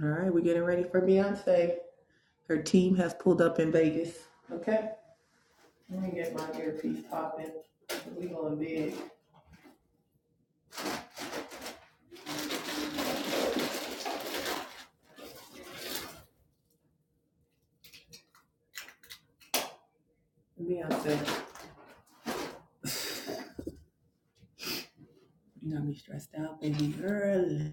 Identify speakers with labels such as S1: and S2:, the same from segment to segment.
S1: All right, we're getting ready for Beyonce. Her team has pulled up in Vegas. Okay. Let me get my earpiece popping. We going big. Beyonce, you got me stressed out, baby girl.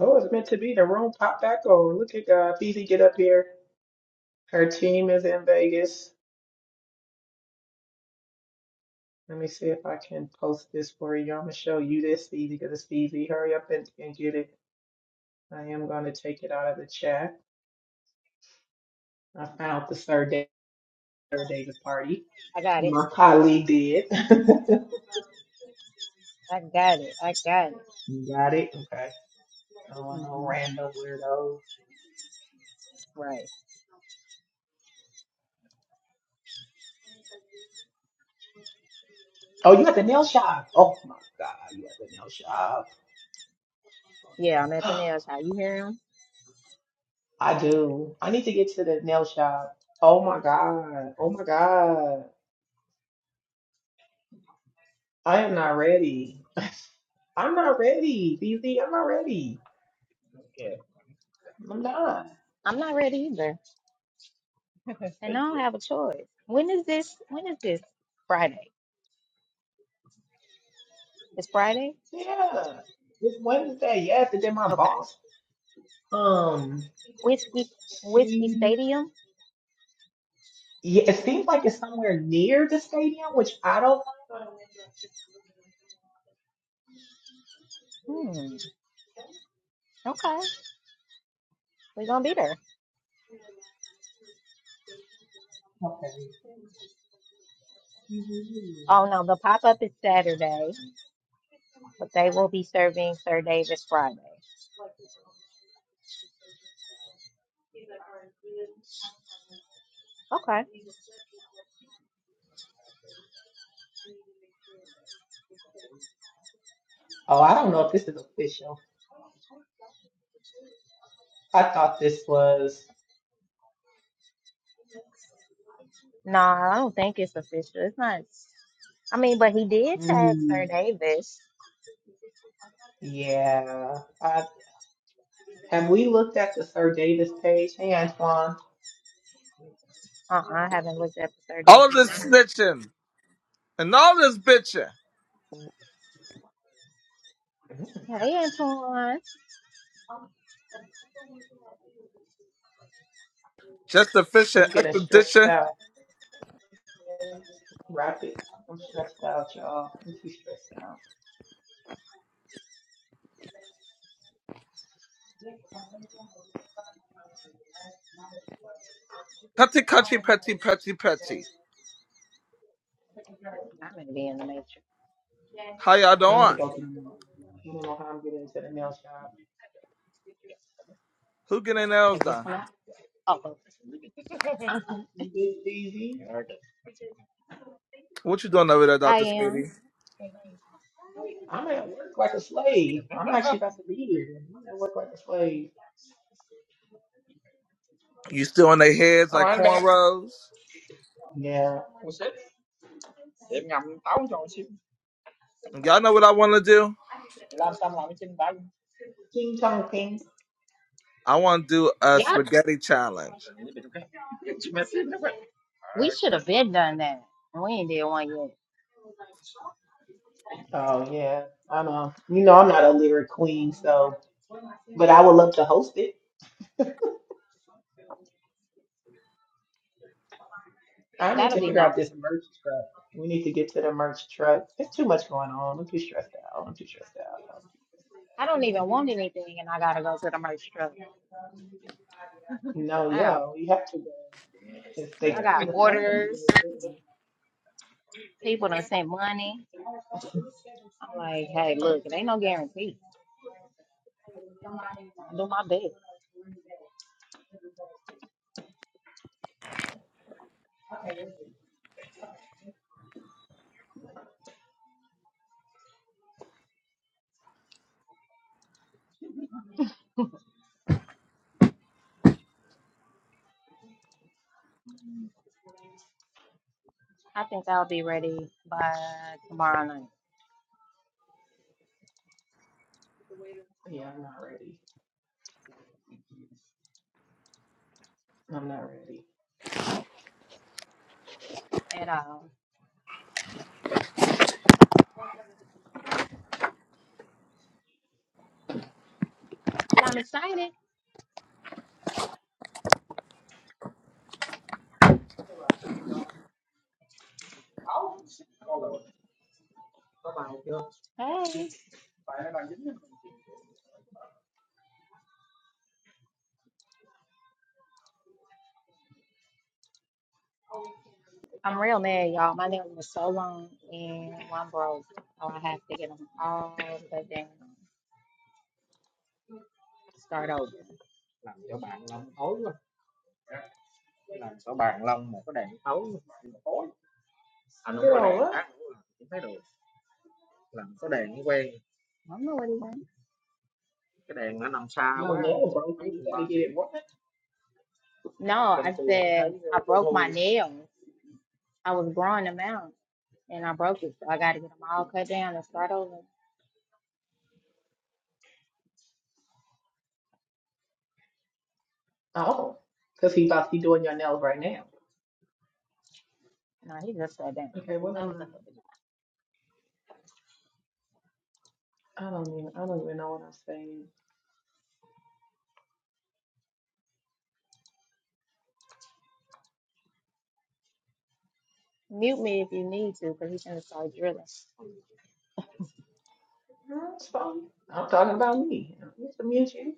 S1: Oh, it's meant to be. The room popped back on. Look at God. Fifi, get up here. Her team is in Vegas. Let me see if I can post this for you. I'm gonna show you this, Fifi, because it's Fifi. Hurry up and, and get it. I am gonna take it out of the chat. I found the Sir Da- Davis party.
S2: I got it.
S1: My colleague did.
S2: I got it. I got it.
S1: You got it? Okay. No, no
S2: hmm
S1: random weirdos.
S2: Right.
S1: Oh, you at the nail shop. Oh my God, you at the nail shop.
S2: Yeah, I'm at the nail shop. You hear him?
S1: I do. I need to get to the nail shop. Oh my God. Oh my God. I am not ready. I'm not ready, BZ. I'm not ready.
S2: Yeah.
S1: I'm not.
S2: I'm not ready either. And I don't have a choice. When is this? When is this? Friday. It's Friday?
S1: Yeah. It's Wednesday, yes. And then my
S2: Okay.
S1: boss, um,
S2: Whiskey Whiskey
S1: she,
S2: Stadium?
S1: yeah, it seems like it's somewhere near the stadium, which I don't.
S2: Hmm. Okay. We're gonna be there.
S1: Okay. Mm-hmm.
S2: Oh no, the pop up is Saturday, but they will be serving Sir Davis Friday. Okay.
S1: Oh, I don't know if this is official. I thought this was.
S2: No, I don't think it's official. It's not I mean, but he did tag Sir
S1: Mm,
S2: Davis.
S1: yeah. I, have we looked at the Sir Davis page? Hey, Antoine.
S2: Uh-uh, I haven't looked at the Sir
S3: All
S2: Davis
S3: this
S2: page.
S3: snitching and all this bitching.
S1: Mm,
S2: Hey, Antoine.
S3: Just a fish and
S1: I'm getting stressed
S3: extradition.
S1: out. Rapid. I'm stressed out, y'all. I'm too stressed out.
S3: Cutty, cutty, petty, petty, petty.
S2: I'm going to be in the matrix.
S3: How y'all
S1: I need to
S3: doing?
S1: go to the nail shop. I don't know how I'm getting to the nail shop.
S3: Who getting nails
S2: Take this
S3: done?
S2: one out. Oh, okay.
S1: Is it easy?
S2: Alright.
S3: What you doing over there,
S2: I
S3: Dr.
S2: am.
S3: Sadie?
S1: I'm at work like a slave. I'm actually about to be here. You at work like a slave.
S3: You still on their heads
S2: Xong
S3: like
S2: rồi anh Ben,
S3: cornrows?
S1: Yeah.
S2: một xếp, để em ngầm táo cho một xíu.
S3: Y'all know what I want to do?
S2: Làm xong làm cái chân táo.
S1: King Tong King.
S3: I want to do a
S2: Yeah,
S3: spaghetti challenge.
S2: Để nó ok. Chị mẹ xếp nó vậy. we should have been done that. and We ain't did one yet.
S1: Oh yeah. I know. You know I'm not a lyric queen, so but I would love to host it. I
S2: That,
S1: need
S2: that'll
S1: to
S2: be
S1: figure out
S2: nice.
S1: this merch truck. We need to get to the merch truck. There's too much going on. I'm too stressed out. I'm too stressed out. I'm too
S2: I don't even want anything, and I gotta go to the merch truck.
S1: stressed out. No,
S2: I got,
S1: yeah, we have to go. If
S2: Đây
S1: they
S2: I got
S1: claim the
S2: order
S1: stuff from the
S2: people to send money. I'm like, hey, look, it ain't no guarantee. I do my best. I think I'll be ready by tomorrow night.
S1: yeah, I'm not ready. I'm not ready.
S2: at all. But I'm excited. Hey, I'm real mad, y'all. My nails were so long and one broke, so I have to get them all cut down, start over. chỗ chỗ bạn Long thối quá. Làm cho bạn lông lông một cái cái đèn đèn đèn Anh không có
S1: Girl,
S2: đèn
S1: what?
S2: khác nữa là cũng thấy được. quen. nó quen. Cái đèn nó nằm xa
S1: Yo,
S2: quá,
S1: nail
S2: he
S1: broken. You gotta
S2: went.
S1: get it. What?
S2: No, I said I broke my nail. I was growing them out and I broke it. So I got to get them all cut down and start over.
S1: Oh, because he thought he doing your nails right now.
S2: No, he just sat down.
S1: Okay, what
S2: That
S1: am
S2: was
S1: I?
S2: a hell of a job.
S1: I don't even. I don't even know what I'm saying.
S2: Mute me if you need to because he's going to start drilling.
S1: No, It's fine. I'm talking about me. It's me and you.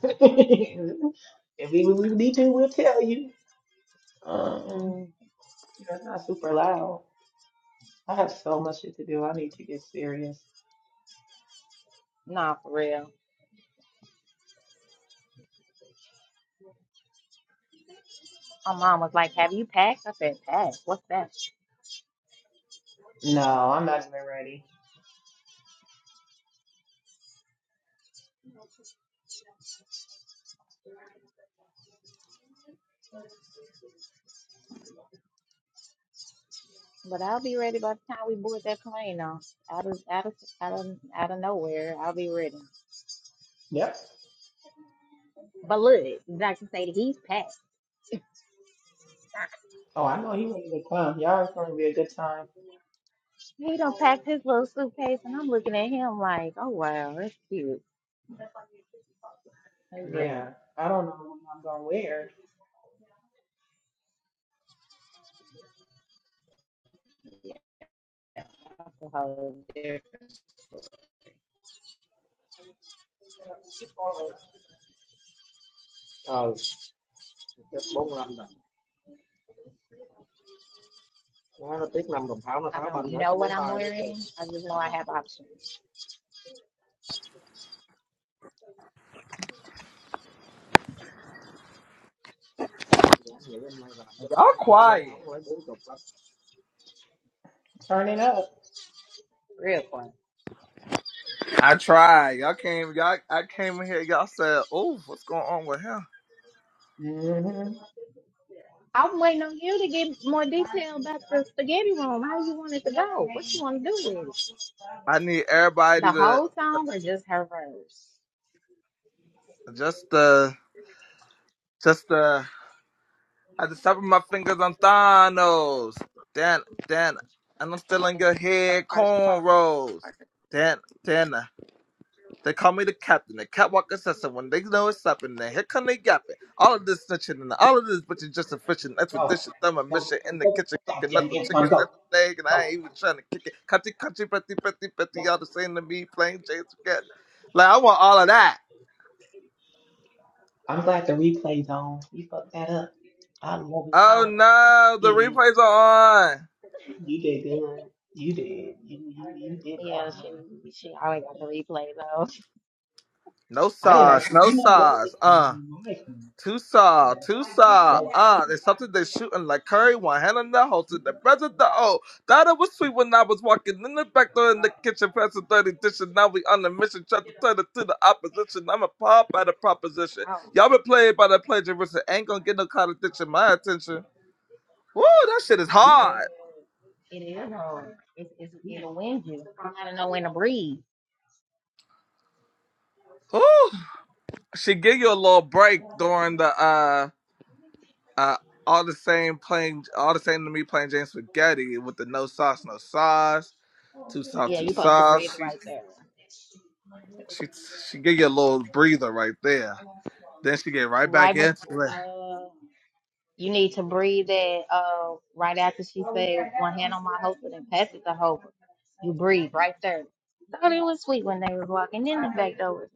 S1: if we we need to, we'll tell you. Um,
S2: Mm,
S1: you know, it's not super loud. I have so much shit to do. I need to get serious.
S2: nah, for real. My mom was like, Have you packed? I said, Packed? What's that?
S1: No, I'm not even ready.
S2: But I'll be ready by the time we board that plane, though. Out of, out of, out of, out of nowhere, I'll be ready.
S1: Yep.
S2: But look, Dr. Sadie, he's packed.
S1: Oh, I know he ready to come. Y'all, it's gonna be a good time.
S2: He done packed his little suitcase, and I'm looking at him like, oh wow, that's cute. He's ready.
S1: Yeah. I don't know what I'm gonna wear.
S2: Yeah, That's really ờ chất bốn mươi lăm đồng nó nó tiếc năm đồng tháo nó I tháo banh don't know what I'm wearing. I just know I have options.
S3: Y'all quiet.
S1: Turn it up.
S2: Real quick.
S3: I tried. Y'all came. Y'all. I came in here. Y'all said, "Oh, what's going on with him?"
S1: hmm
S2: I'm waiting on you to give more detail about the spaghetti room. How you want it to go? What you want to do with it?
S3: I need everybody
S2: The
S3: to
S2: whole song or just her verse?
S3: just uh just uh At the top of my fingers, I'm Thanos. Dan, Dan, and I'm still in your
S2: The
S3: head,
S2: first part.
S3: cornrows. Dan, Dan, they call me the captain, the catwalk assassin. When they know it's up, and then here come they yapping. All of this snitching and all of this, bitch is just a fishing
S1: Go,
S3: expedition. I'm a
S1: go,
S3: mission in the
S1: go.
S3: kitchen, cooking up
S1: Goddamn
S3: the
S1: Antoine,
S3: chickens
S1: go,
S3: every day, and I
S1: go,
S3: ain't even trying to kick it. Country, country, petty, petty, petty, all
S1: go.
S3: the same to me, Plain Jane Spaghetti. Like, I want all of that.
S1: I'm glad the replay's on. You fucked that up. I love it.
S3: Oh
S1: You
S3: no, the
S1: idiot.
S3: replays are on.
S1: You did good. You did. You you you did that
S2: Yeah,
S1: one.
S2: she she always got the replay though.
S3: No
S1: I didn't
S3: sauce,
S1: actually.
S3: no
S1: You know what?
S3: sauce.
S1: It's
S3: uh.
S1: my fault.
S3: Tusa,
S1: That
S3: Tusa,
S1: dope.
S3: ah, there's something they're shooting like curry, one hand on the holster, the
S1: Ooh,
S3: present the oh. Thought it was sweet when I was walking in the back door in the kitchen, passing dirty dishes. Now we on a mission, trying to turn it to the opposition. I'm a pop by the proposition.
S2: Oh,
S3: Y'all been played by the plagiarism, ain't gonna get no contradiction, my attention. Woo, that shit is
S1: ooh,
S3: hard.
S2: it is. hard. it's, it's
S1: ooh.
S2: it'll wind you. You gotta know when to breathe.
S3: Woo. She give you a little break during the, uh, uh, all the same playing, all the same to me playing James Spaghetti with the no sauce, no sauce Too soft,
S2: Yeah,
S3: too
S2: you're supposed to
S3: soft.
S2: breathe
S3: She
S2: right there.
S3: she she gave you a little breather right there. Then she get right back
S2: Right before,
S3: into it.
S2: uh, you need to breathe it uh, right after she says, one hand on my husband and pass it to Hova. You breathe right there. Thought it was sweet when they was walking in the back door.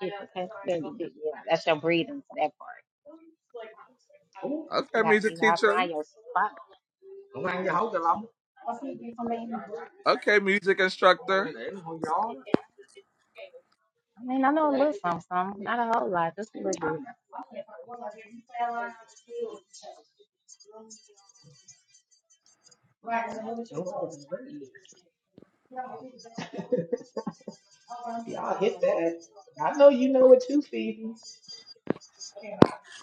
S2: Kiss and pass the baby Yeah, that's your breathing for that part.
S1: Oh,
S2: You
S3: Okay,
S2: got you
S3: music
S2: gotta
S3: teacher.
S2: find your spot. không ăn cái gió cho lắm I mean, không
S3: Okay, music instructor.
S2: ăn để nó hơi gió I mean, I know a little something, something, not a whole lot, just a little bit.
S1: oh, it's ready. Y'all hit that. I know you know it too, Phoebe.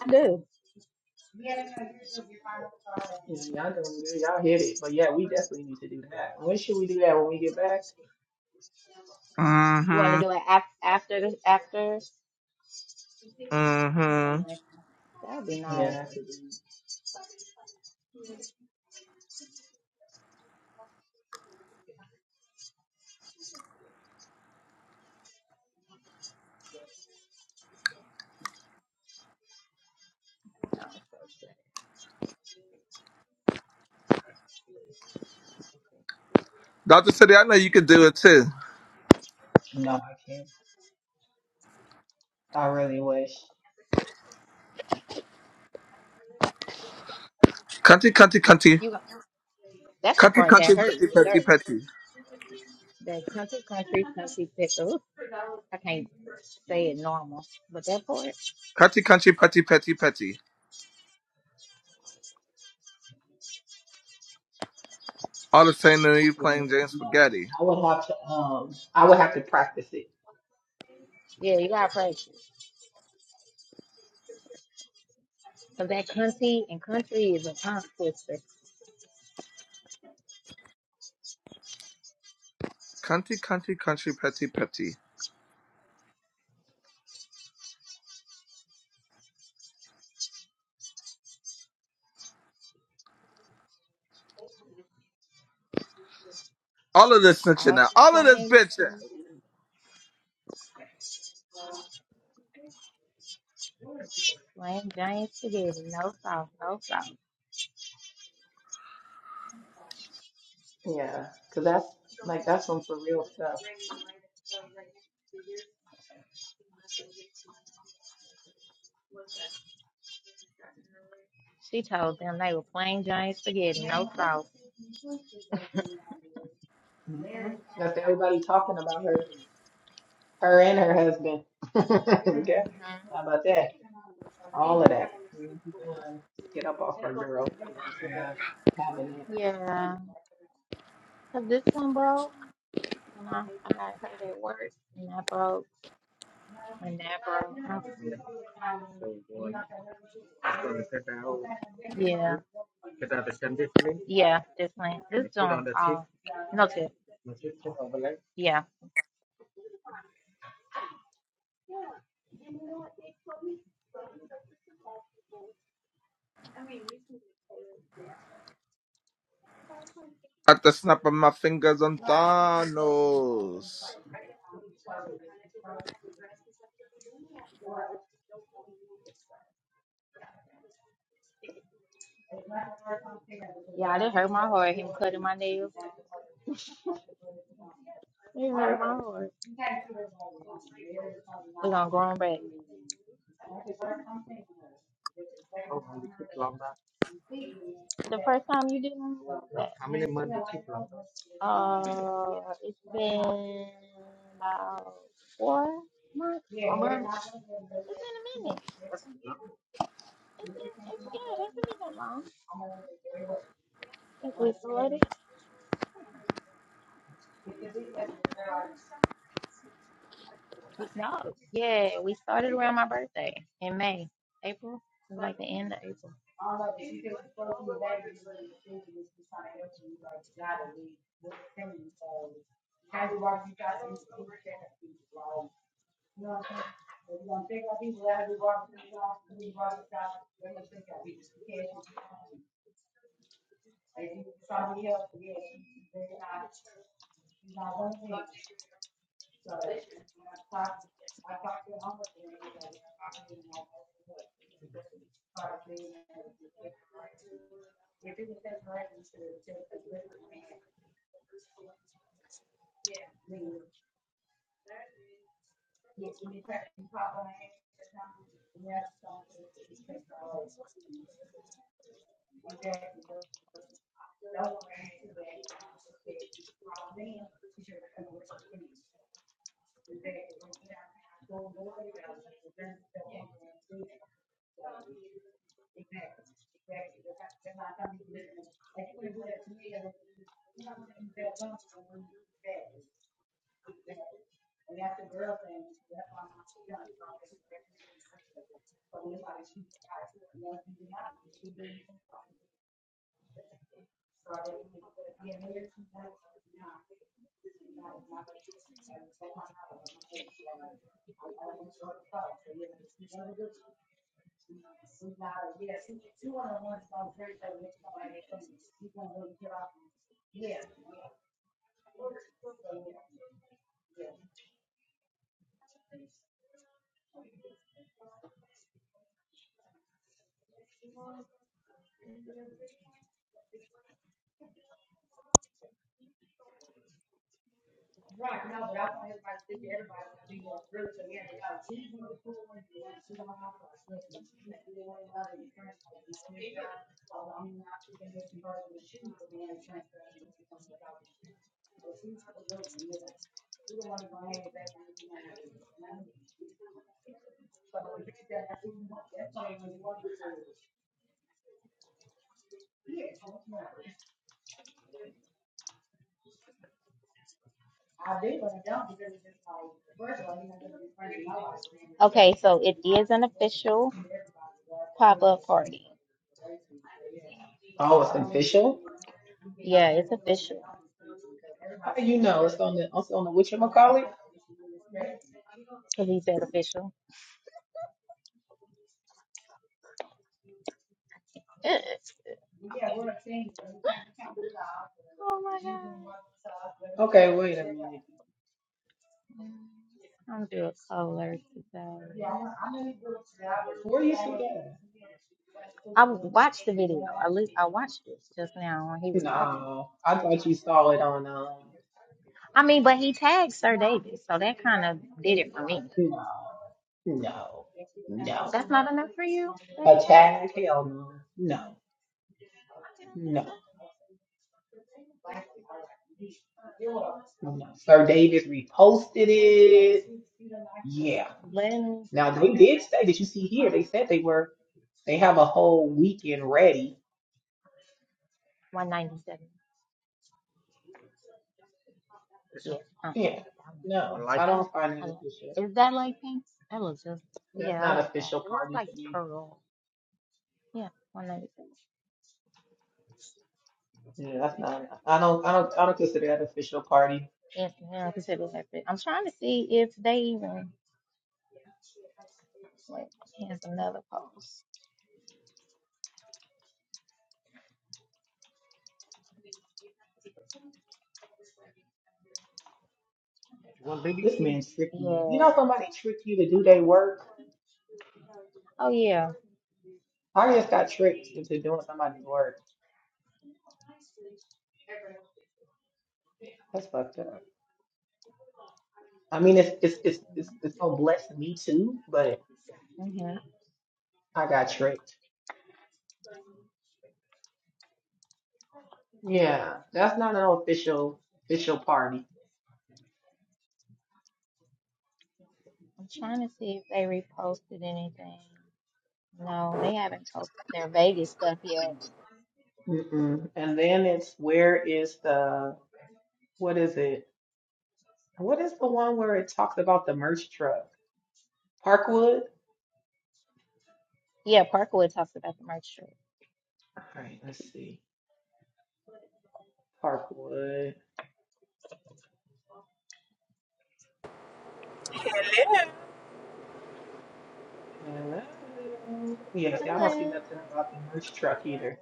S2: I do.
S1: Yeah, y'all know it. Y'all hit it. But yeah, we definitely need to do that. When should we do that? When we get back?
S2: You want to
S3: Mm-hmm.
S2: do it af- after this, after? That'd
S3: Mm-hmm.
S2: be nice. That'd be
S1: Yeah,
S2: nice.
S1: that's good.
S2: No.
S3: Dr. City, I know you could do it too.
S1: No, I can't. I really wish
S3: Cunty, cunty, cunty.
S2: You got- that's the
S3: Cunty,
S2: part that
S3: cunty,
S2: hurt
S3: petty,
S2: right there.
S3: petty, petty.
S2: The country, country, country pickle. I can't say it normal, but that part,
S3: Cunty, cunty, petty, petty, petty. All the same new you
S1: it
S3: playing James
S1: much.
S3: Spaghetti.
S1: I would have to um I would have to practice it.
S2: yeah, you gotta practice. So that country and country is a tongue twister.
S3: Cunty, cunty, country, petty, petty. All of this snitching
S2: All the
S3: now. All of this
S2: same, to-
S3: bitching.
S2: me. plain giant spaghetti, no sauce, no sauce.
S1: Yeah, 'cause that's like that's some for real stuff.
S2: She told them they were plain giant spaghetti, no sauce.
S1: hmm That's everybody talking about her, her and her husband. Okay,
S2: hmm
S1: how about that? All of that. Mhm. Get up off her, girl. Not having it.
S2: Yeah, cause this one broke. And I, I got hurt at work, and I broke. Whenever. So uh, you just gonna cut out, Yeah. cut out the conditioning Yeah, definitely. This put joint on one, the tip, all noted. the tip to overlay. Yeah.
S3: At the snap of my fingers on Thanos.
S2: Yeah, that hurt my heart, him cutting my nails. It hurt my heart. We're gonna go on back. How long did it took longer? The first time you did one, How many months did it took longer? uh it's been about four months. It's been a minute. It's been it's yeah, it hasn't been that long since we started. We, no, yeah, we started around my birthday in May, April. It was like the end of April. Okay, so it is an official pop up party.
S1: Oh, it's official.
S2: Yeah, it's official.
S1: How do you know it's on the it's on the whatchamacallit?
S2: Because he said official. Yes. Oh my
S1: Okay, wait a
S2: god.
S1: minute.
S2: I'm do a color today.
S1: Where you see that?
S2: I watched the video. At least I watched it just now when he was talking.
S1: No, I thought you saw it on um.
S2: I mean, but he tagged Sir David, so that kind of did
S1: No,
S2: it for me.
S1: no, no.
S2: That's not enough for you that he
S1: A
S2: tagged him.
S1: child? Hell no, no, no, no. Sir Davis reposted it. Yeah.
S2: Lynn
S1: Now they did say that you see here. They said they were. They have a whole weekend ready.
S2: one ninety seven. Yeah. Uh
S1: Yeah.
S2: huh.
S1: No,
S2: One
S1: I
S2: light pink.
S1: don't find that
S2: I like.
S1: official.
S2: it. Is that light pink? That looks just.
S1: That's
S2: Yeah, I
S1: not
S2: like that.
S1: official
S2: It looks
S1: party
S2: like
S1: to me.
S2: pearl. Yeah, one ninety seven.
S1: Yeah, that's not. I don't. I don't. I don't consider that official party.
S2: If yeah, because it was at the, I'm trying to see if they even wait, here's another post.
S1: This man tricked me. You know,
S2: Yes.
S1: somebody tricked you to do their work.
S2: Oh yeah.
S1: I just got tricked into doing somebody's work. That's fucked up. I mean, it's it's it's it's, it's gonna bless me too, but
S2: hmm
S1: I got tricked. Yeah, that's not an official official party.
S2: I'm trying to see if they reposted anything. No, they haven't posted their Vegas stuff yet.
S1: Mm-mm. And then it's where is the what is it? What is the one where it talks about the merch truck? Parkwood.
S2: Yeah, Parkwood talks about the merch trip.
S1: All right, let's see. Parkwood.
S4: Hello,
S1: Hello. Yeah, see, I don't see
S2: Hello.
S1: nothing about the merch truck either.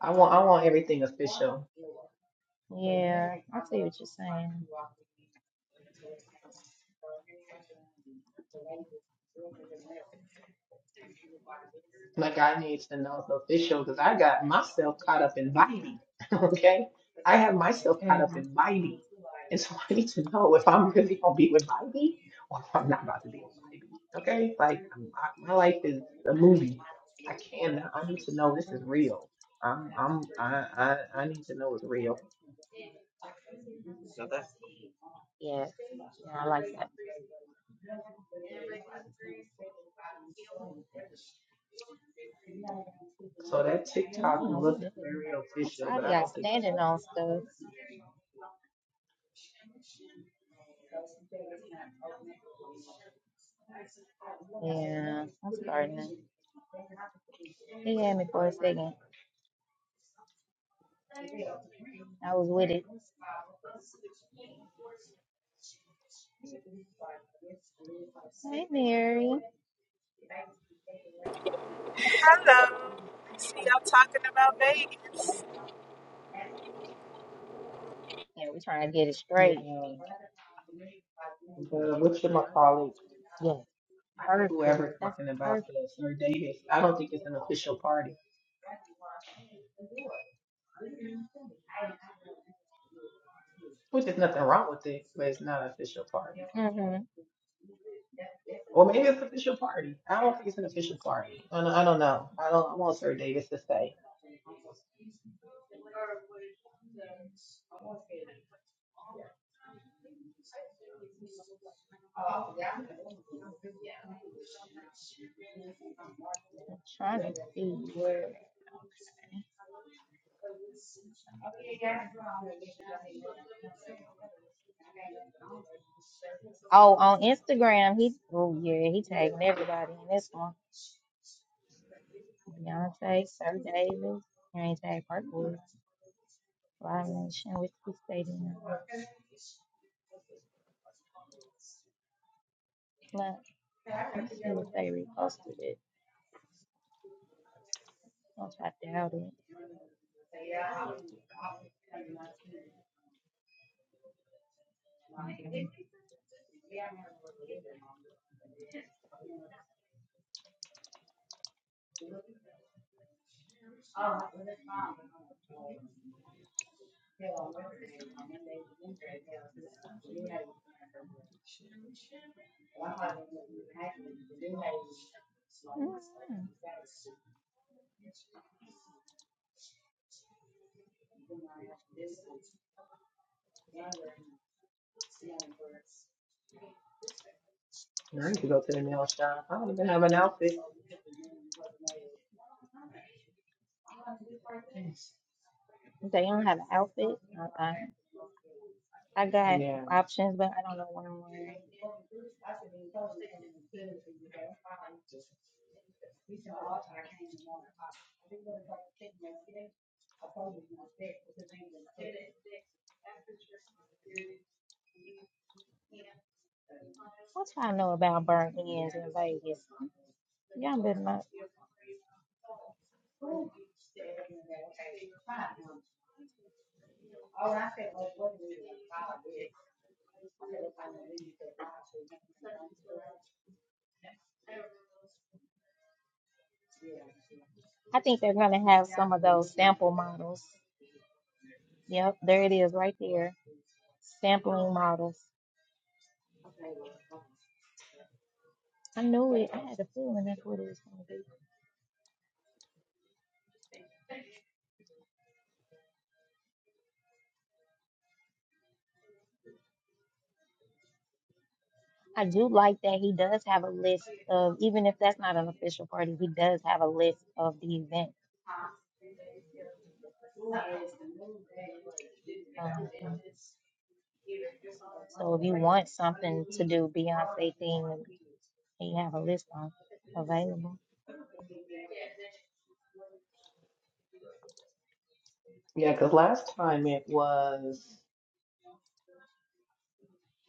S1: I want I want everything official.
S2: Yeah, I see what you're saying.
S1: Like I need to know it's official because I got myself caught up in Biden. Okay. I have myself caught up
S2: hmm
S1: in Biden. And so I need to know if I'm really gonna be with Biden or if I'm not about to be with Biden. Okay? Like I'm- I, my life is a movie. I can I need to know this is real. I'm I'm I I, I need to know it's real.
S2: Yes. Yeah, I like that.
S1: So that
S2: And I don't
S1: TikTok
S2: know who
S1: looked
S2: that
S1: very
S2: is.
S1: official,
S2: I saw
S1: but I
S2: y'all
S1: don't think it's
S2: standing on
S1: official.
S2: stuff. Yeah, I'm starting. to He had me for a second. I was with it. Hey, Mary.
S4: hello. See, y'all talking about Vegas.
S2: Yeah, we trying to get it straight.
S1: Yeah. But which of my colleagues?
S2: Yeah. perfect.
S1: whoever
S2: That's
S1: talking about
S2: perfect.
S1: this, Sir Davis. I don't think it's an official party, which is nothing wrong with it, but it's not an official party.
S2: hmm
S1: Or maybe it's an official party. I don't think it's an official party. I don't, I don't know. I don't I want Sir Davis to say.
S2: Trying to see where. Oh, on Instagram, he. Oh yeah, he tagged everybody in this one. Beyonce, Sir Davis, and he tagged Parkwood, Live Nation, which we stayed in. Flint. Let's see if they reposted it. Which I doubt it. Mm.
S1: I need to go to the nail shop. I don't even have an outfit.
S2: They don't have an outfit. Uh-uh. I got
S1: Yeah,
S2: options, but I don't know what I'm wearing. What y'all know about burnt ends in Vegas? Y'all been not. I think they're gonna have some of those sample models. Yep, there it is right there. Sampling models. I knew it. I had a feeling that's what it was gonna be. I do like that he does have a list of even if that's not an official party, he does have a list of the event. Um, So if you want something to do Beyonce theme, you have a list on available.
S1: yeah. Because last time it was,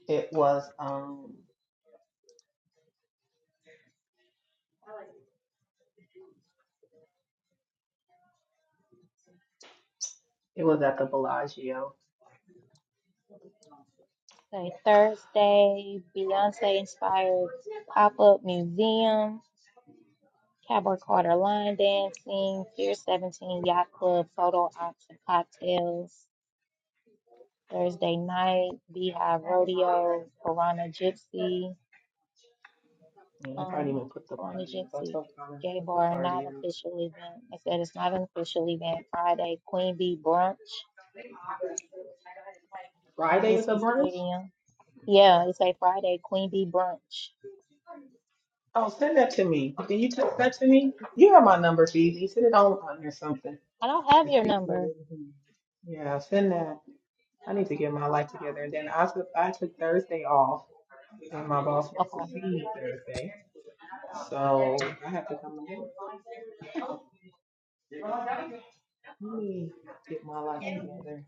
S1: it was, um, it was at the Bellagio.
S2: Say Thursday, Beyonce inspired pop up museum, Cowboy Carter line dancing, Pier 17 Yacht Club photo ops and cocktails. Thursday night, Beehive Rodeo, Piranha Gypsy,
S1: And they probably didn't
S2: um,
S1: even put the
S2: Piranha
S1: party up. I
S2: Gypsy,
S1: told Colin to
S2: Gay
S1: put the
S2: Bar, non
S1: party up.
S2: official event. I said it's not an official event. Friday, Queen Bee Brunch at
S1: Friday is a
S2: Whiskey
S1: brunch.
S2: Stadium. Yeah, it's a Friday Queen Bee brunch.
S1: Oh, send that to me. Can you text that to me? You have my number, Phoebe. Send it on on or something.
S2: I don't have
S1: If
S2: your
S1: people,
S2: number.
S1: really can- yeah, send that. I need to get my life together. And then I took I took Thursday off, and my
S2: Okay.
S1: boss wants to see me Thursday, so I have to come home. Let me get my life together.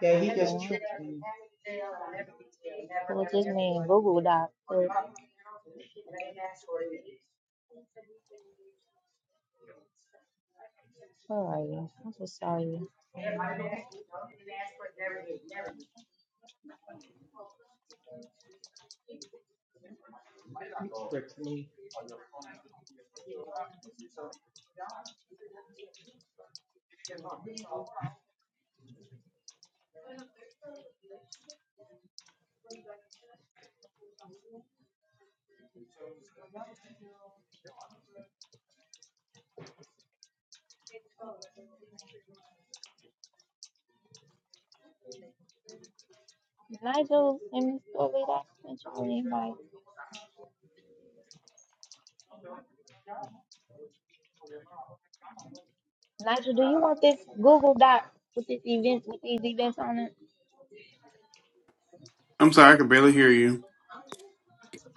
S1: Yeah, he just
S2: Well,
S1: tricked me.
S2: well, just me Google Doc. But where are you? I just saw you.
S1: He tricked me.
S2: Nigel and Miss Dorley, that sent you an invite. Nigel, do you want this Google Doc with this event with these events on it?
S5: I'm sorry, I could barely hear you.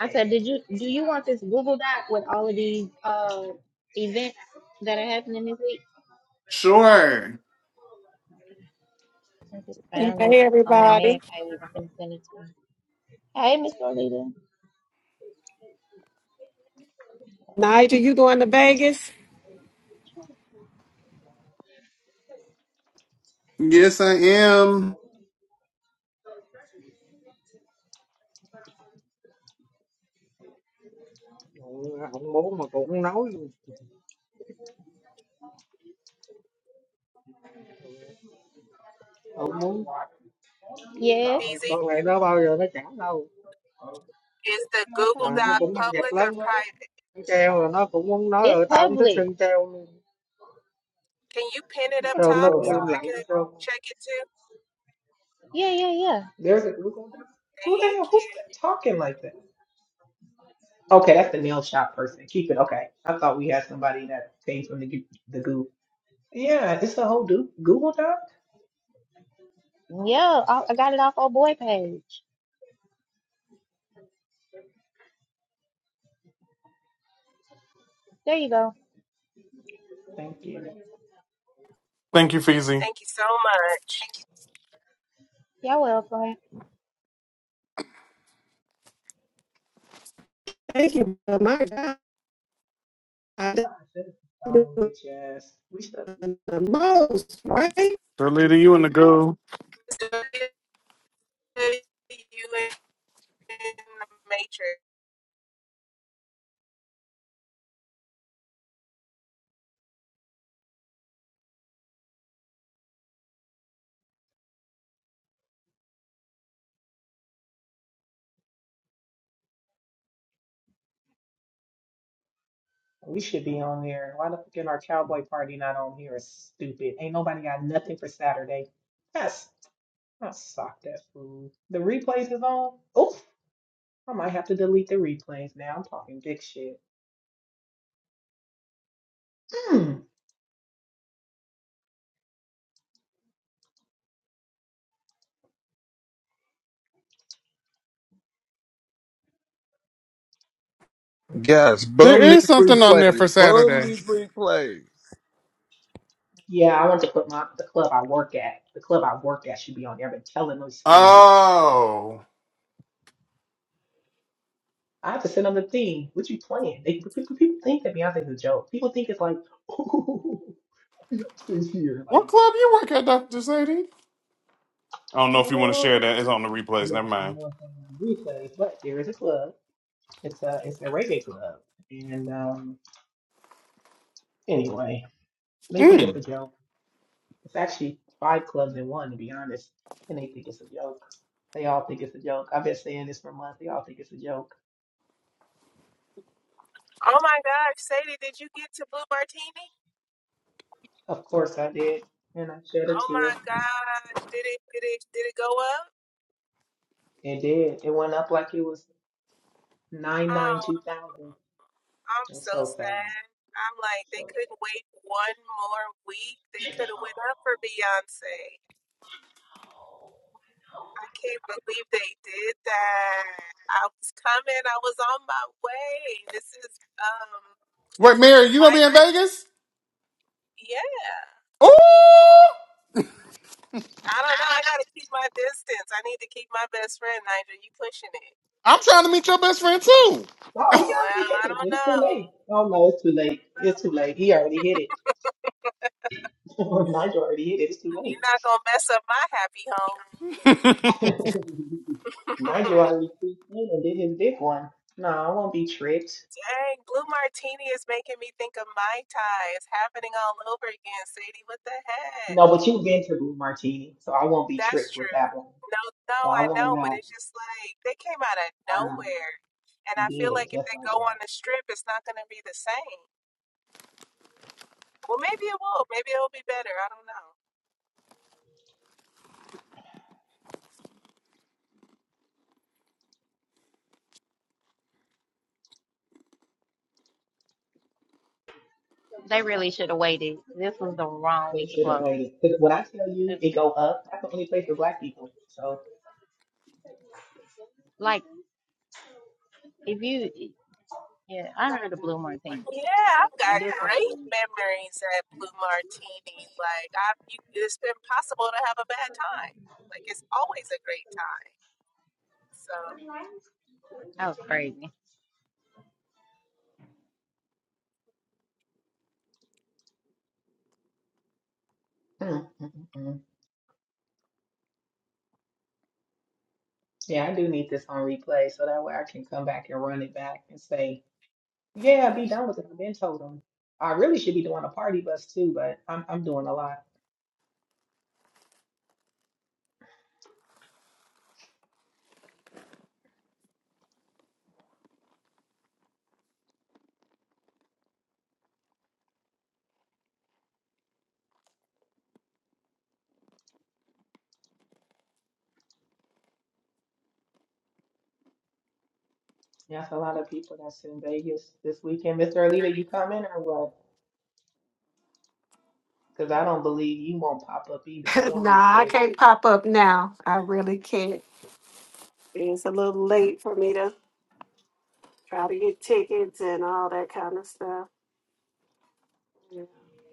S2: I said, did you do you want this Google Doc with all of these uh events that are happening this week?
S5: Sure.
S2: I just
S6: Hey,
S2: found it on that
S6: everybody.
S2: man page and send it to him. Hey, Miss Rolita.
S6: Nigel, you going to Vegas?
S5: Yes, I am.
S2: Ừ, không muốn mà cũng không nói không muốn Yes.
S4: Easy.
S2: con này nó bao giờ nó trả đâu
S4: Is the
S2: That's what
S4: Google
S2: i I'm mà nó saying.
S4: Doc
S2: cũng mắc dịch
S4: public or
S2: lắm
S4: private?
S2: Nó treo rồi nó cũng muốn nói It's rồi tao không thích public. sơn treo luôn
S4: Can you pin it
S1: I'm
S4: up
S1: like
S2: sơn nó
S4: top
S2: cũng
S1: Google
S4: so
S2: im
S1: Doc.
S4: I
S2: lặng với
S4: can
S2: sơn
S4: check it too?
S2: Yeah, yeah, yeah.
S1: There's a Google Doc. Who the
S4: Thank
S1: hell? Who's
S4: you.
S1: that talking like that? Okay, that's the nail shop person. Keep it. Okay. I thought we had somebody that came from the Goo- the goo. Yeah, it's a whole do- Google Doc.
S2: Yeah, I I got it off our boy page. There you go.
S1: Thank you.
S5: Thank you, Feezy.
S4: Thank you so much.
S2: Y'all welcome.
S6: Thank you. Oh, My God. I'm
S1: I should have
S6: doing
S1: found bitch ass. We should
S6: The most, right?
S5: The leader, you want to go?
S4: You in the matrix.
S1: we should be on there. Why the fuck is our cowboy party not on here? It's stupid. Ain't nobody got nothing for Saturday. That's I sock that fool. The replays is on. Oof. I might have to delete the replays now. I'm talking big shit. Hmm.
S3: Yes,
S5: There
S3: boom
S5: is
S3: these
S5: something on there
S3: replays.
S5: for
S3: Boom
S5: Saturday.
S3: these replays.
S1: Yeah, I want to put my the club I work at. The club I work at should be on there. I've been telling those fools.
S5: Oh.
S1: I have to send them the thing. What you playing? They, people, people think that Beyonce's a joke. People think it's like, ooh, Beyonce's here.
S5: What
S1: Like,
S5: club you work at, Dr. Sadie? I don't know if you want to
S1: oh,
S5: share that. It's on the replays.
S1: yeah, I
S5: Never
S1: know
S5: mind.
S1: what I'm saying. Because, but there is a club. It's a, it's a reggae club. And um, anyway, they think it's
S5: Mm.
S1: a joke. It's actually five clubs in one, to be honest. And they think it's a joke. They all think it's a joke. I've been saying this for months. They all think it's a joke.
S4: Oh my gosh, Sadie, did you get to Blue Martini?
S1: Of course I did. And I shed a
S4: Oh my
S1: tear.
S4: gosh, did it did it did it go up?
S1: It did. It went up like it was. Nine nine
S4: Oh
S1: two thousand.
S4: I'm
S1: That's
S4: so
S1: so sad.
S4: sad. I'm like, they
S1: So
S4: couldn't wait one more week. They
S1: sad.
S4: could have went up for Beyonce. I can't believe they did that. I was coming. I was on my way. This is um,
S5: Wait, Mary, you going to be
S4: like,
S5: in Vegas?
S4: yeah.
S5: Ooh!
S4: I don't know. I gotta keep my distance. I need to keep my best friend, Nigel. You pushing it?
S5: I'm trying to meet your best friend, too.
S1: No, he already
S4: Well,
S1: hit
S4: I
S1: it.
S4: don't
S1: It's too
S4: know.
S1: late. Oh no, it's too
S4: I
S1: late.
S4: don't know.
S1: It's too late. He already hit it. Nigel already hit it. It's too late.
S4: You're not gonna mess up my happy home.
S1: Nigel already pre and did his big one. No, I won't be tricked.
S4: Dang, Blue Martini is making me think of Mai Tai. It's happening all over again, Sadie. What the heck?
S1: No, but you've been to Blue Martini, so I won't be
S4: That's
S1: tricked with
S4: true.
S1: that one.
S4: No,
S1: So
S4: no,
S1: I
S4: I
S1: will
S4: know, but
S1: not.
S4: it's just like they came out of
S1: I know
S4: nowhere. And
S1: you
S4: I feel
S1: did it
S4: like if
S1: just
S4: they
S1: like
S4: go
S1: that.
S4: on the strip, it's not going to be the same. Well, maybe it will. Maybe it'll be better. I don't know.
S2: They really should have waited. This was the wrong
S1: They
S2: week to
S1: should have
S2: close.
S1: waited. Because when I tell you it go up, that's the only place for black people. So.
S2: Like, if you, yeah, I heard the Blue Martini,
S4: Yeah,
S2: but
S4: I've got
S2: this one,
S4: great memories at Blue Martini. Like, I, you, it's been possible to have a bad time. Like, it's always a great time. So
S2: that was crazy.
S1: Mm, mm, mm. mm. Yeah, I do need this on replay so that way I can come back and run it back and say, yeah, be done with it. I've been told them. I really should be doing a party bus too, but I'm I'm doing a lot. Yeah, it's a lot of people that's in Vegas this weekend. Mr. Alita, you coming or what? Because I don't believe you won't pop up either. I won't be
S6: nah, I
S1: tricked.
S6: can't pop up now. I really can't. It's a little late for me to try to get tickets and all that kind of stuff. Yeah.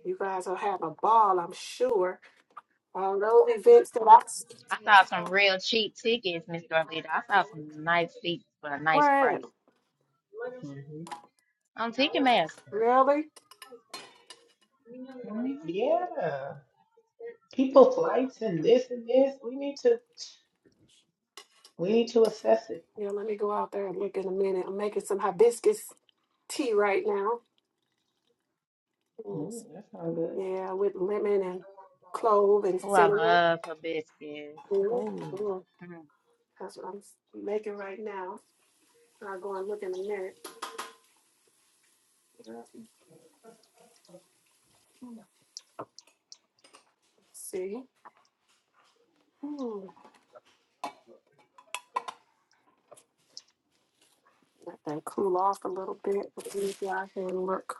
S6: You guys will have a ball, I'm sure. All those events that I
S2: I saw some real cheap tickets, Miss Dorlita. I saw some nice seats for a
S6: were
S2: nice
S6: at.
S2: price
S1: hmm
S2: on Ticketmaster.
S6: Really?
S1: Yeah, people flights and this and this. We need to we need to assess it.
S6: Yeah, let me go out there and look in a minute. I'm making some hibiscus tea right now.
S1: Mm,
S6: Yes.
S1: that's not good.
S6: Yeah, with lemon and clove and
S2: Oh, I
S6: cinnamon.
S2: love hibiscus.
S6: Mhm, mhm.
S2: Mm.
S6: That's what I'm s- making right now. I'll go and look in a minute. Let's see. Hmm. Let that cool off a little bit. Let me go out here and look.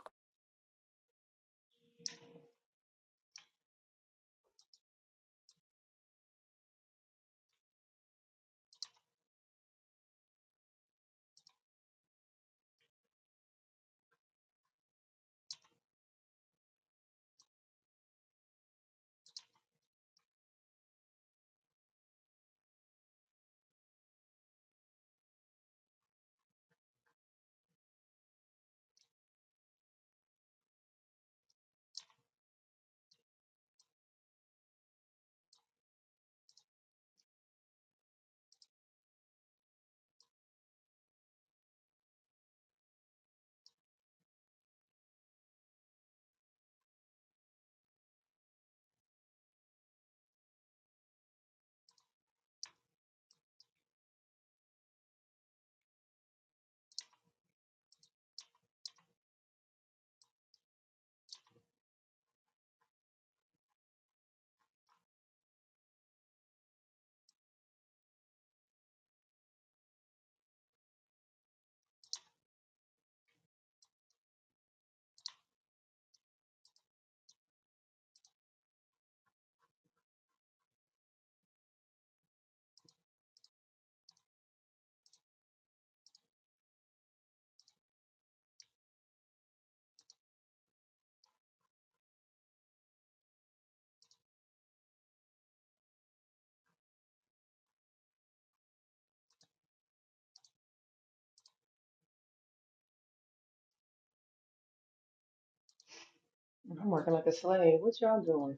S1: I'm working like a slave. What y'all doing?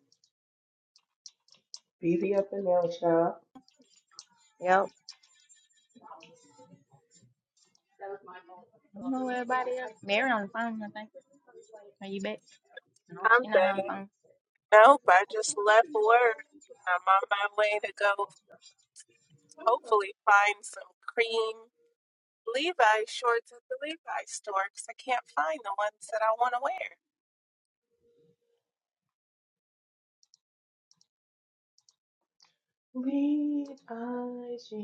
S1: Busy up in there, y'all.
S2: Yep. You know where everybody else? Mary on the phone, I think. Are you back? No,
S4: I'm
S2: she's not
S4: back.
S2: on the phone.
S4: Nope, I just left work. I'm on my way to go hopefully find some cream Levi shorts at the Levi store because I can't find the ones that I want to wear.
S1: Lead IG.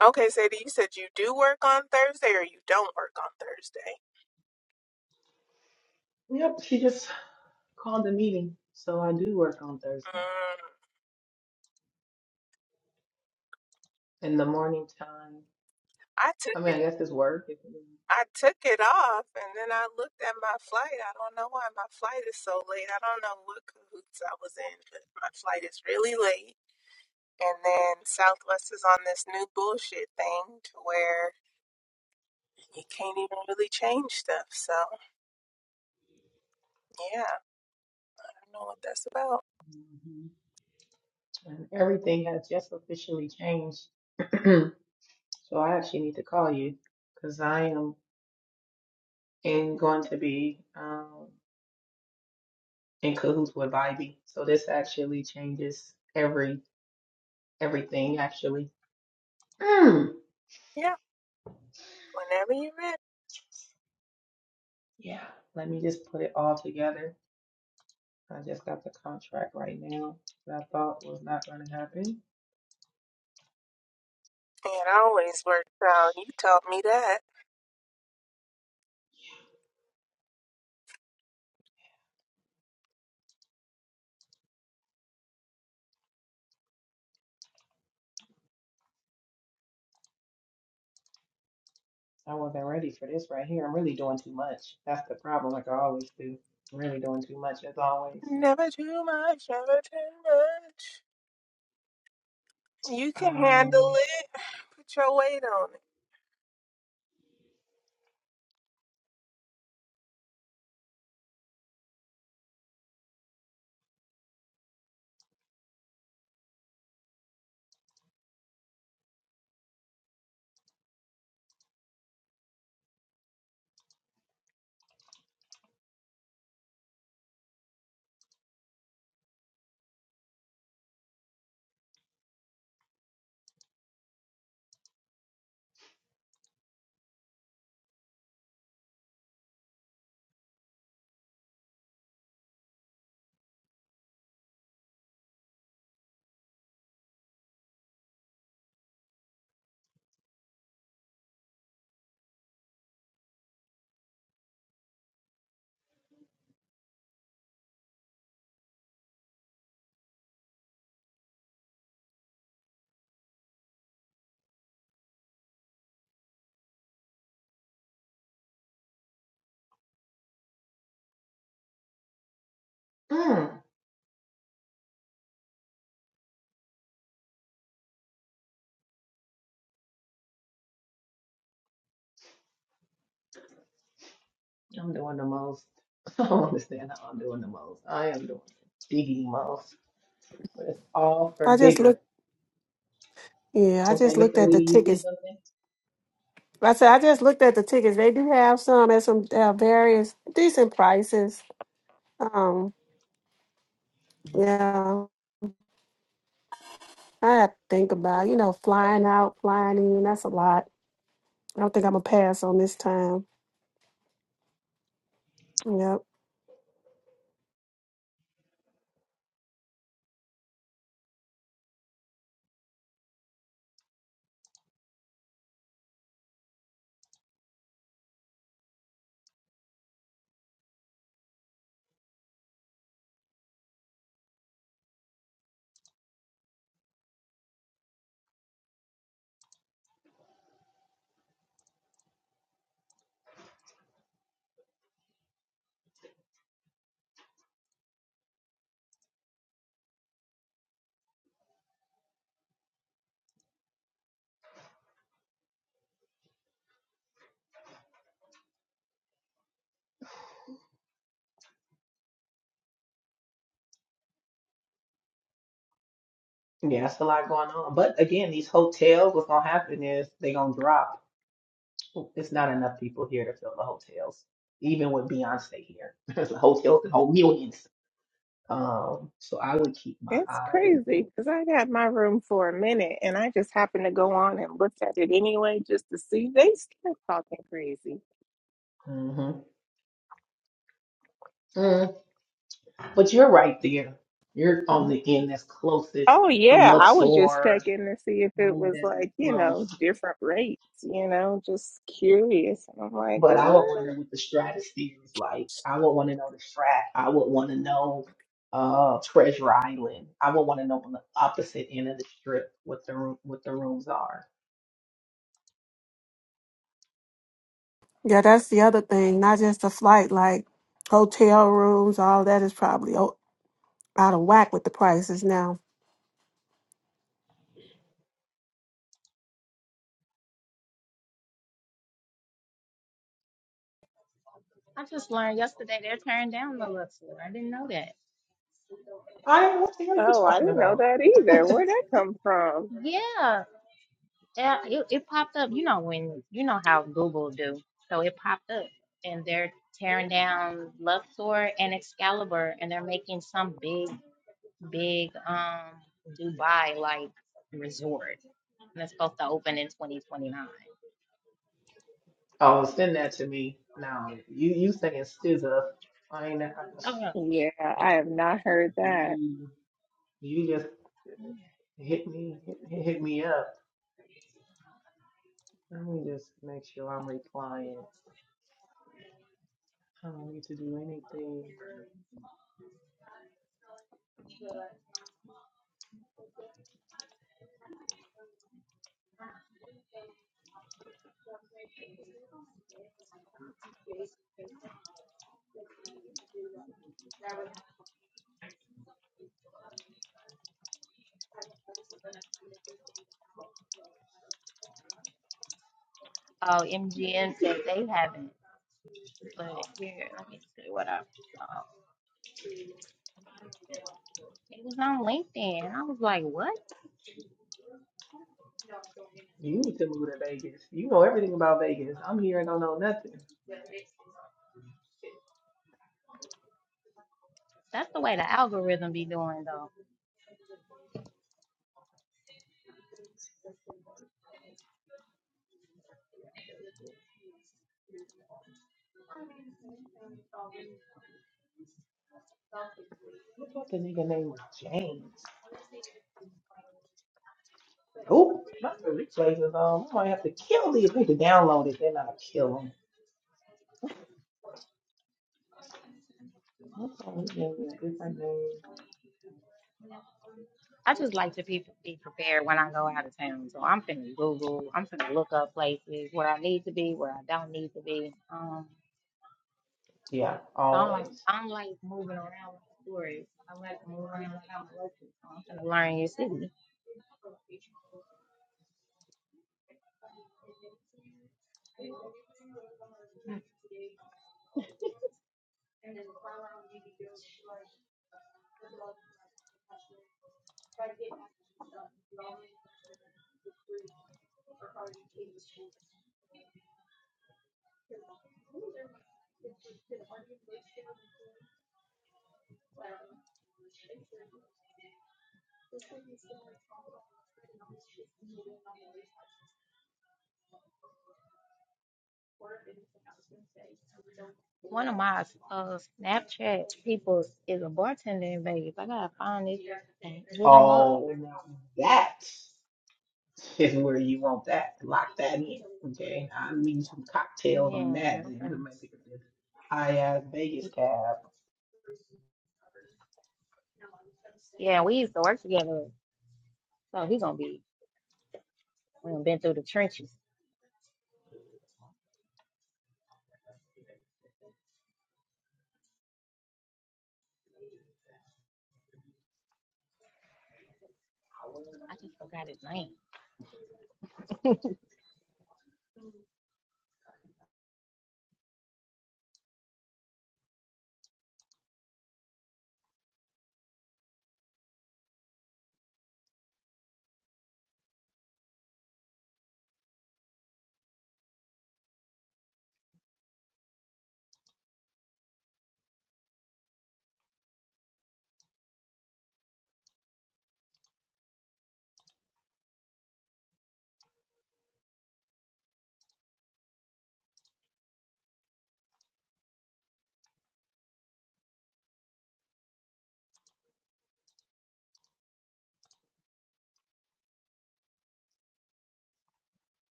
S4: Okay, Sadie, you said you do work on Thursday or you don't work on Thursday.
S1: Yep, she just called the meeting. So I do work on Thursday
S4: Mm.
S1: in the morning time.
S4: I
S1: I
S4: took
S1: mean, I guess it's work. If it
S4: I took it off and then I looked at my flight. I don't know why my flight is so late. I don't know what cahoots I was in, but my flight is really late. And then Southwest is on this new bullshit thing to where You can't even really change stuff. So, yeah, I don't know what that's about.
S1: hmm And everything has just officially changed. so I actually need to call you because I am in, going to be um, in cahoots with Vibe. So this actually changes every everything actually. Mm.
S4: Yeah, whenever you're ready.
S1: Yeah, let me just put it all together I just got the contract right now that I thought was not going to happen.
S4: It always works out. You taught me that.
S1: I wasn't ready for this right here. I'm really doing too much. That's the problem, like I always do. I'm really doing too much, as always.
S4: Never too much, never too much. You can handle
S1: Um,
S4: it. Put your weight on it.
S1: mm, I'm doing the most. I don't understand how I'm doing the most. I am doing the diggity most. But it's all for
S6: I just
S1: bigger.
S6: looked. Yeah, I
S1: Okay,
S6: just looked
S1: Mr.
S6: at
S1: Lee,
S6: the
S1: do you see
S6: tickets.
S1: something?
S6: I said I just looked at the tickets. They do have some at some uh, various decent prices. Um, yeah, I have to think about you know flying out, flying in. That's a lot. I don't think I'm gonna pass on this time. Yep.
S1: Yeah, it's a lot going on. But again, these hotels, what's going to happen is they're going to drop. It's not enough people here to fill the hotels, even with Beyonce here. the hotels can hold millions. Um, so I would keep my
S4: It's
S1: eye.
S4: crazy because I had my room for a minute and I just happened to go on and looked at it anyway just to see. They still talking crazy.
S1: hmm Mm, but you're right there. You're on the end that's closest,
S4: Oh
S1: the
S4: yeah, I
S1: Luxor,
S4: was just
S1: all
S4: checking to see if it
S1: of
S4: was
S1: that is
S4: like, you
S1: close.
S4: know, different rates, you know, just curious. And I'm like,
S1: But I
S4: what?
S1: would wonder what the stratosphere is like. I would want to know the strat. I would want to know uh Treasure Island. I would want to know on the opposite end of the strip what the room, what the rooms are.
S6: Yeah, that's the other thing. Not just the flight, like hotel rooms, all that is probably o- out of whack with the prices now.
S2: I just learned yesterday they're tearing down the Luxor. I didn't know that.
S1: I don't know what the hell you
S4: Oh, I
S1: talking
S4: didn't know
S1: about.
S4: that either. Where'd that come from?
S2: Yeah. Yeah, it, it popped up. You know when you know how Google do. So it popped up, and they're tearing down Luxor and Excalibur, and they're making some big, big um Dubai like resort, and it's supposed to open in 2029.
S1: Oh, send that to me. No, you you singing SZA. I ain't. I,
S2: Oh no.
S4: Yeah, I have not heard that.
S1: you you just hit me hit, hit me up. Let me just make sure I'm replying. I don't need to do anything.
S2: Oh, MGM said they haven't, but here, let me see what I saw. It was on LinkedIn. I was like, what?
S1: You need to move to Vegas. You know everything about Vegas. I'm here and don't know nothing.
S2: That's the way the algorithm be doing,
S1: What thought the nigga name was James. Oh, not the replays is on. I might have to kill these. I need to download it, then I'll kill them. What's on? Yeah, yeah, different name.
S2: I just like to be, be prepared when I go out of town. So I'm finna Google, I'm finna look up places where I need to be, where I don't need to be. Um,
S1: Yeah,
S2: 'cause I don't like,
S1: always.
S2: I don't like moving around like tourists. I like to move around like I'm a local. So I'm finna learn your city. One of my uh, Snapchat people is a bartender in Vegas. I gotta find this and hit him up.
S1: Oh, now that is where you want that. Lock that in. Okay. I'll leave some
S2: Yeah,
S1: cocktails on that.
S2: I'm
S1: Then we
S2: finna,
S1: might pick up this high ass Vegas
S2: see.
S1: cab.
S2: yeah, we used to work together. So he gonna be, we done been through the trenches. I just forgot his name.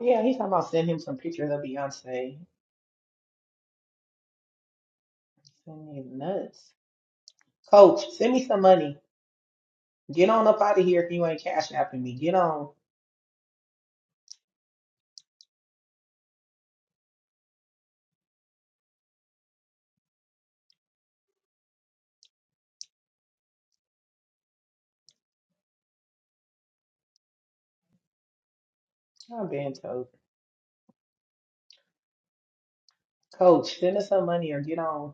S1: Yeah, he's talking about send him some pictures of Beyonce. Send me nuts. Coach, send me some money. Get on up out of here if you ain't cash apping me. Get on. I'm being told. Coach, send us some money or get on.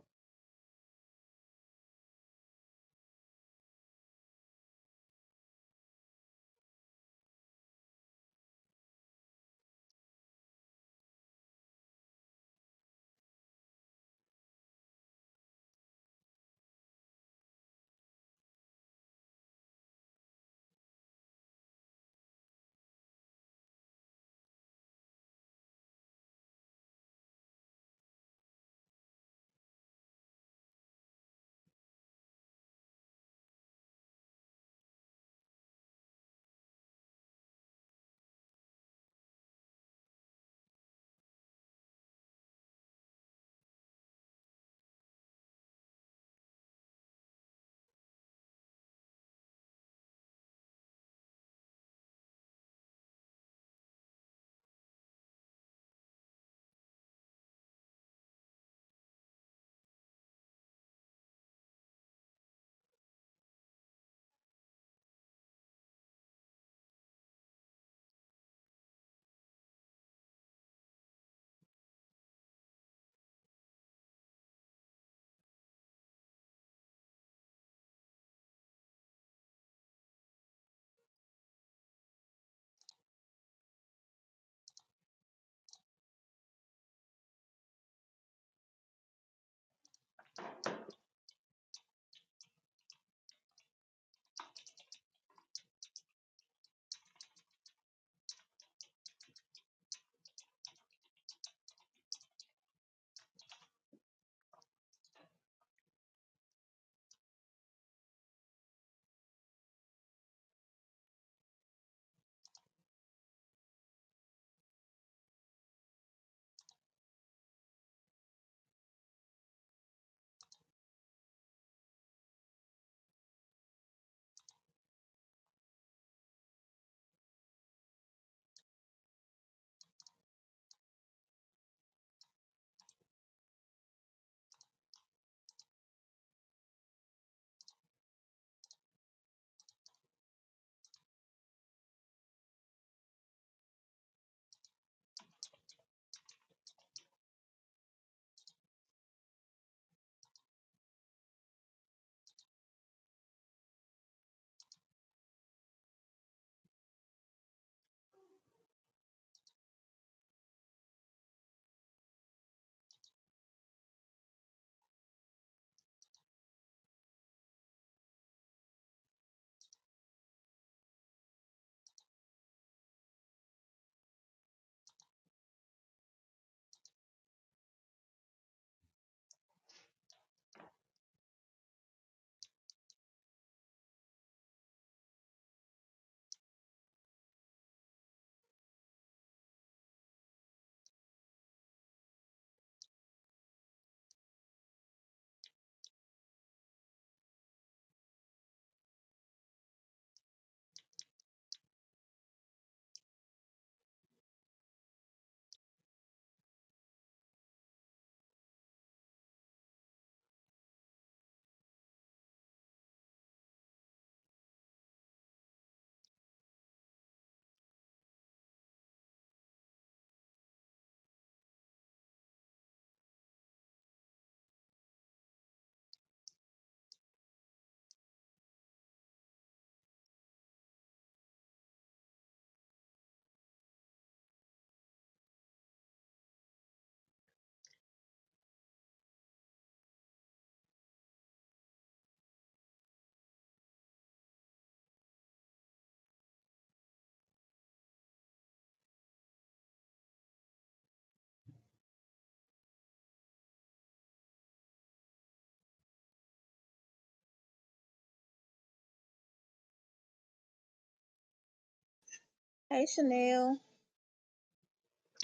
S2: Hey, Chanel.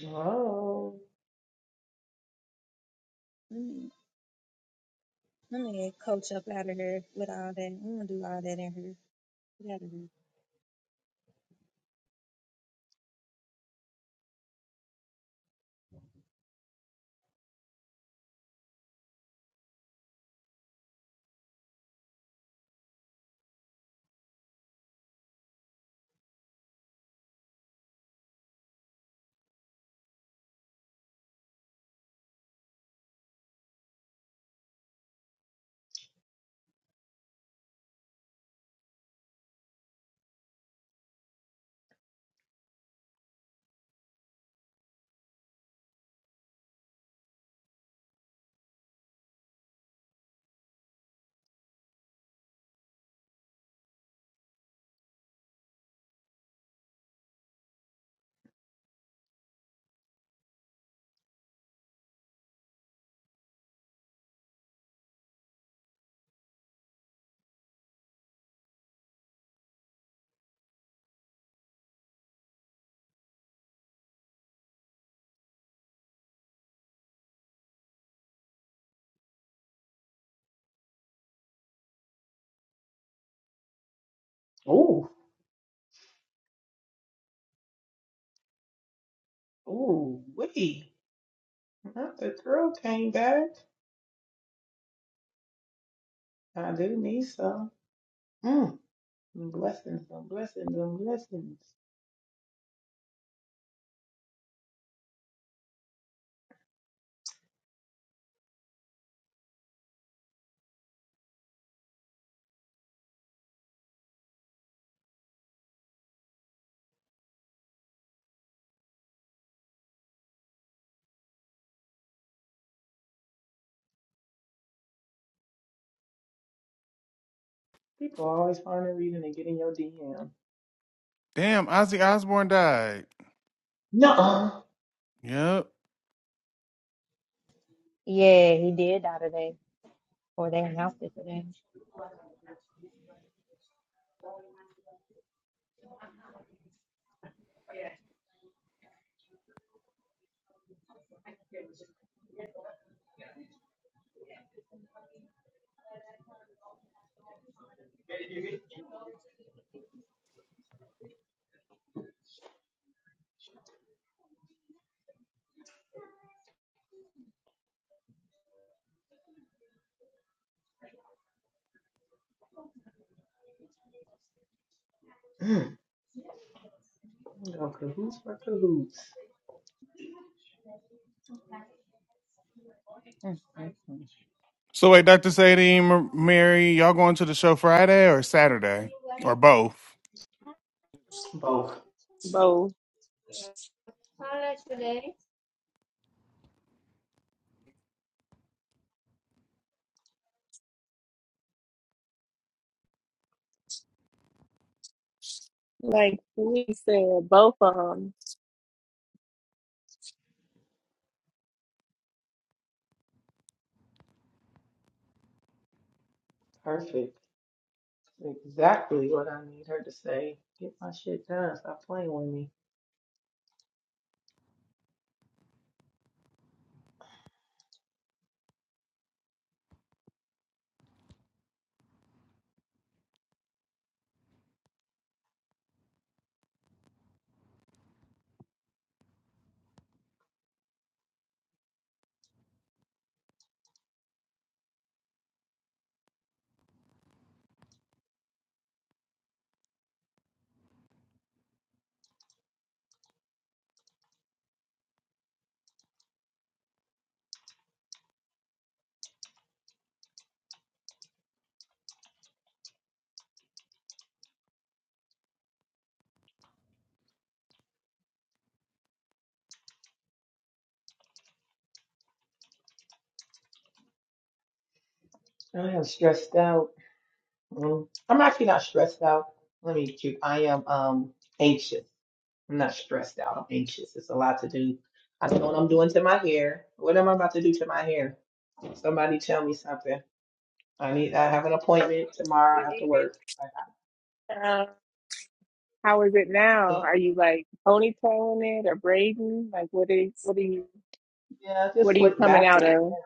S1: Oh.
S2: Let me let me get coach up out of here with all that. I'm gonna do all that in here. Get out of here.
S1: Ooh. Ooh. Wait. Not the girl came back. I do need some. Mm. Blessings and blessings and blessings. People are always finding a reason to get in your DM.
S5: Damn, Ozzy Osbourne died.
S1: Nuh-uh.
S5: Yep.
S2: Yeah, he did die today, or they announced it today.
S1: Mm. You know, cahoots for cahoots.
S2: Mm, mm, mm.
S5: So wait, Dr. Sadie, M- Mary, y'all going to the show Friday or Saturday or both?
S1: Both.
S4: Both, like we said, both of them.
S1: Perfect. Exactly what I need her to say. Get my shit done. Stop playing with me. I am stressed out. Mm. I'm actually not stressed out. Let me be cute. I am um anxious. I'm not stressed out. I'm anxious. It's a lot to do. I don't know what I'm doing to my hair. What am I about to do to my hair? Somebody tell me something. I need. I have an appointment tomorrow after work. I
S4: Uh, how is it now?
S1: think-
S4: Are you like ponytailing it or braiding? Like, what is, what are you,
S1: Yeah,
S4: what
S1: just
S4: are you
S1: slick
S4: coming
S1: back
S4: out
S1: right
S4: of?
S1: now.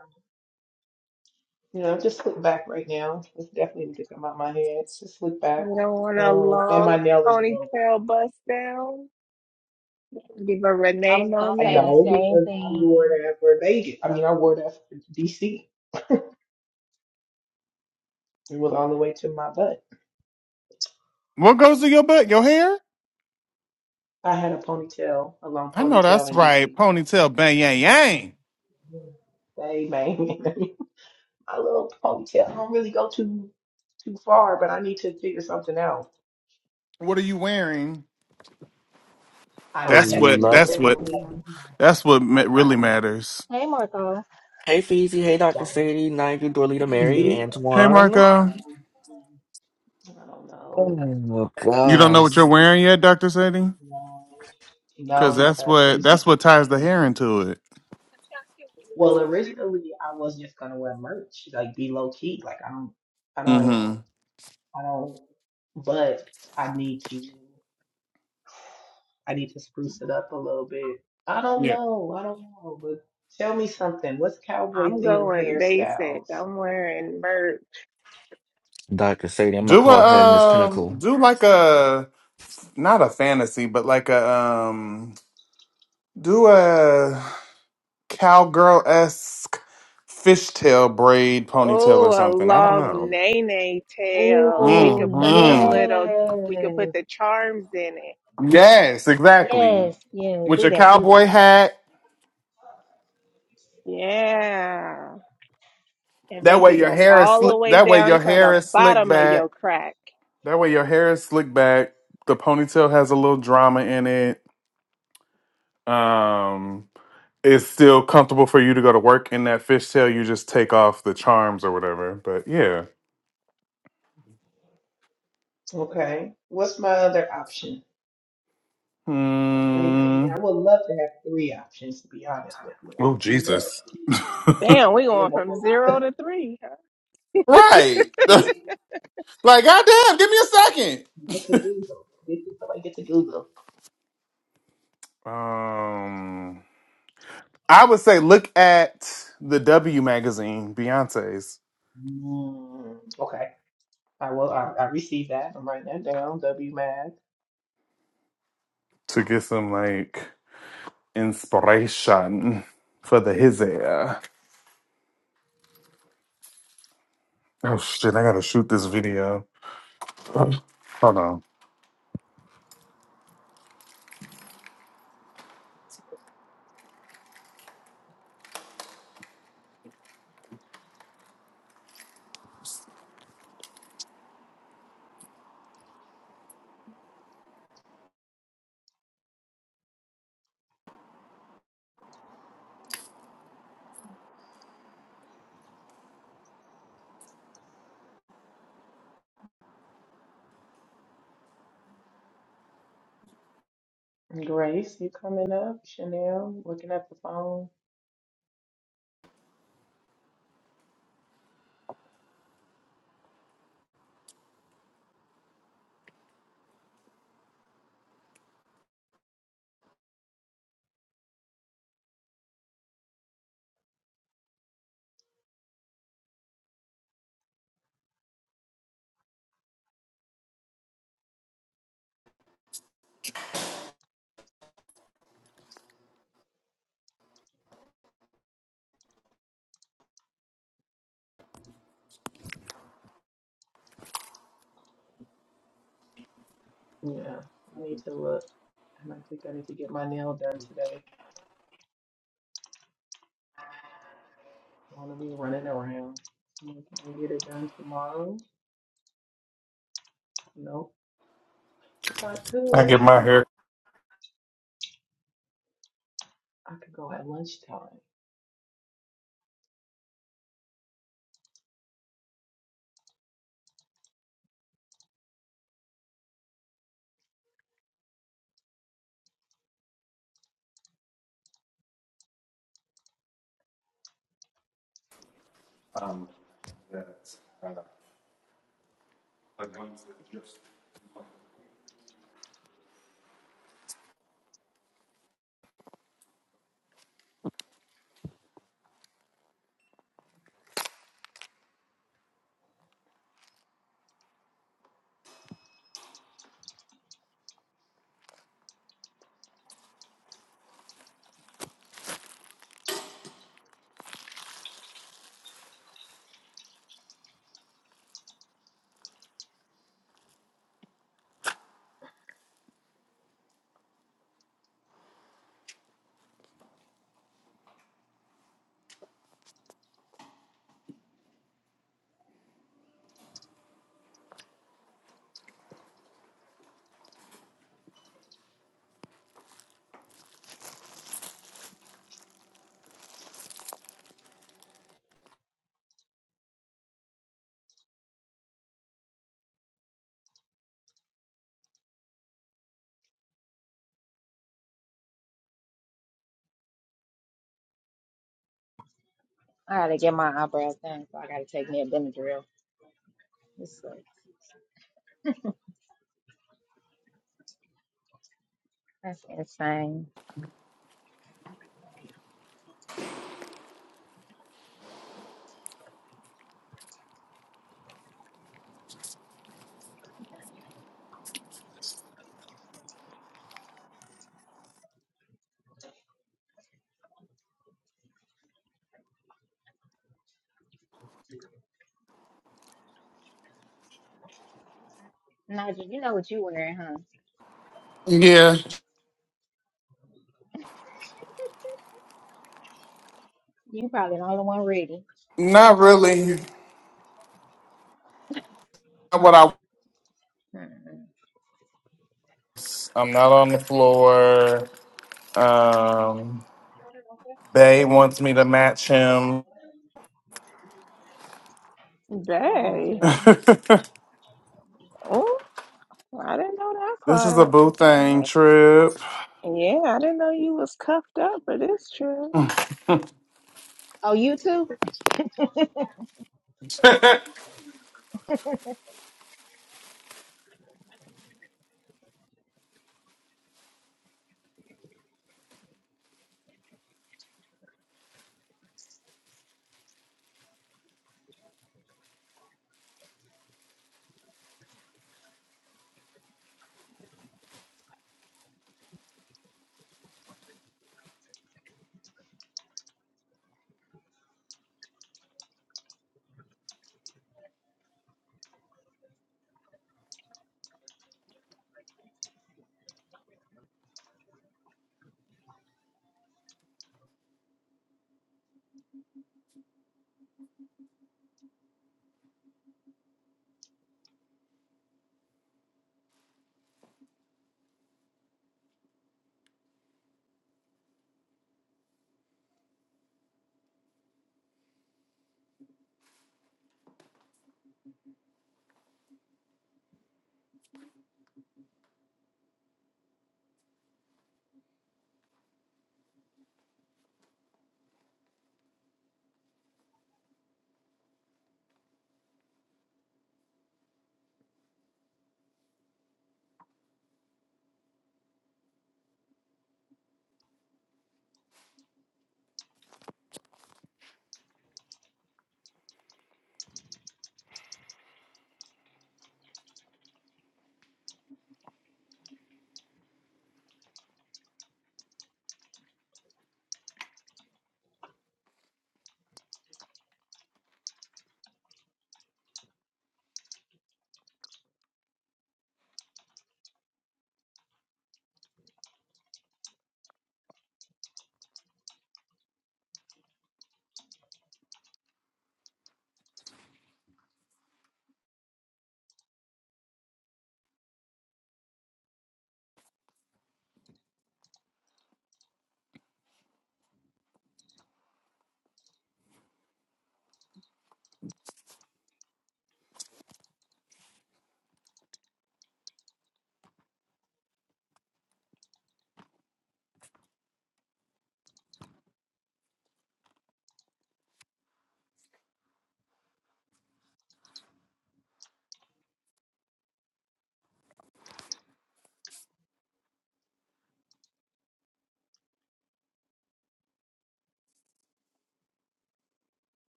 S1: You know, just slick back right now. It's definitely need to come out my head. Just slick back.
S4: You don't want a
S1: Um, and my
S4: long
S1: nail is broke.
S4: ponytail bust down? Give a
S2: I
S4: Renee
S2: was gonna
S1: I
S2: say
S4: moment.
S1: know
S2: the same
S1: because I wore
S2: thing.
S1: that for Vegas. I mean, I wore that for DC. It was all the way to my butt.
S5: What goes to your butt? Your hair?
S1: I had a ponytail, a long
S5: I know
S1: ponytail
S5: that's
S1: in
S5: right.
S1: DC.
S5: Ponytail, bang, yang, yang.
S1: Hey man, my little ponytail don't really go too too far, but I need to figure something out.
S5: What are you wearing?
S1: I'm
S5: That's
S1: tech,
S5: what.
S1: tech
S5: That's what.
S1: technically I don't
S7: Hello.
S1: have my
S5: That's what
S1: glasses.
S5: ma-
S1: I don't
S5: really
S1: have
S5: matters.
S2: Hey, Marco.
S7: Hey, Feezy. Hey,
S1: I
S7: Dr.
S1: don't
S7: Sadie, Nigel, Dorlita, Mary,
S1: see. I
S5: Hey,
S1: changed.
S7: Antoine.
S5: Marco.
S1: No, I don't know.
S7: Oh,
S5: You don't know what you're
S7: gosh.
S5: wearing yet, Doctor Sadie?
S1: No, no,
S5: Because that's
S1: because
S5: what.
S1: things just
S5: That's what ties the
S1: change.
S5: hair into it.
S1: Well, originally I was just gonna wear merch, like be low key. Like I don't, I don't.
S5: Mm-hmm.
S1: I don't, but I need to, I need to spruce it up a little bit. I don't
S5: Yeah.
S1: know. I don't know, but tell me something. What's cowboy
S4: I'm
S1: themed
S4: going basic.
S1: hairstyles?
S4: I'm wearing merch.
S7: Dr. Sadie, I'm going to
S5: Do
S7: call her Miss
S5: a um.
S7: Pinnacle.
S5: Do like a not a fantasy, but like a um. Do a cowgirl esque fishtail braid ponytail or
S4: Oh, a
S5: something. I don't know.
S4: long nene tail. We
S2: Oh,
S4: could put the
S5: hmm
S4: little, we could put
S2: yes,
S4: the charms in it.
S5: Yes, exactly.
S2: yes, yeah.
S5: With
S2: Do
S5: your
S2: that, do that.
S5: cowboy hat.
S4: Yeah. And
S5: That
S4: make it
S5: way your
S4: go
S5: hair is
S4: all the
S5: slick.
S4: way
S5: That way
S4: down
S5: your
S4: to the
S5: hair is slicked
S4: bottom of
S5: back.
S4: your crack.
S5: That way your hair is slicked back. The ponytail has a little drama in it. Um, it's still comfortable for you to go to work in that fishtail. You just take off the charms or whatever. But yeah.
S1: Okay. What's my other option? Somebody give me,
S5: Hmm.
S1: I would love to have three options, to be honest with you. I
S5: Oh
S1: would love
S5: Jesus.
S1: three. No,
S4: Damn, we
S1: I live
S4: going
S1: off
S4: from
S1: a
S4: zero
S1: lot.
S4: to three. Huh?
S5: Right.
S1: Yeah,
S5: like goddamn. Give me a second.
S1: get to Google. Get to, somebody get to Google.
S5: Um. I would say look at the W magazine, Beyonce's,
S1: Mm, okay. I will, I, I receive that. I'm writing that down. WMAG.
S5: to get some like inspiration for the his hair. Oh shit, I gotta shoot this video. Hold on.
S1: Grace, you coming up? Chanel, looking at the phone? Yeah, I need to look. And I think I need to get my nail done today. I want to be running around. I'm like, Can I get it done tomorrow? Nope. Well, I
S5: I
S1: could.
S5: get my hair.
S1: I could go at lunchtime.
S2: I gotta get my eyebrows done, so I gotta take me a Benadryl. This sucks. That's insane. Nigel, you know what you wearing, huh?
S5: Yeah,
S2: You probably the only one ready.
S5: not really. Not what I
S2: Mm.
S5: was. I'm not on the floor. Um Bay wants me to match him.
S4: Dang.
S2: Oh,
S5: this
S4: Oh, I didn't know
S5: is a
S4: that
S5: boo
S4: part.
S5: thing trip.
S4: Yeah, I didn't know you was cuffed up, but it's true.
S2: oh, you too.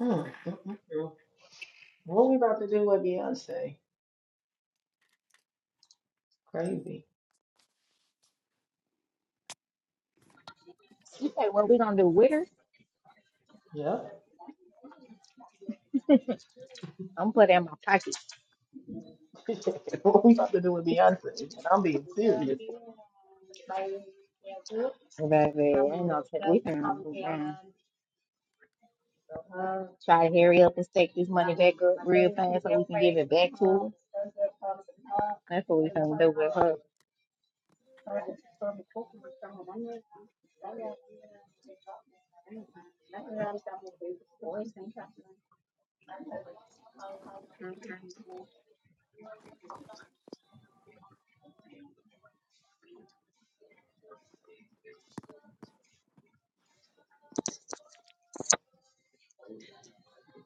S1: Mm, mm, mm, mm. What we about to do with Beyonce? Crazy.
S2: You say what we gonna do with her?
S1: Yep.
S2: I'm put it in my pocket.
S1: what we about to do with Beyonce? And I'm being serious.
S2: Baby, ain't no ta- we ain't gonna do Try to hurry up and stack this money back up real fast so we can give it back to her. That's what we gonna do with her.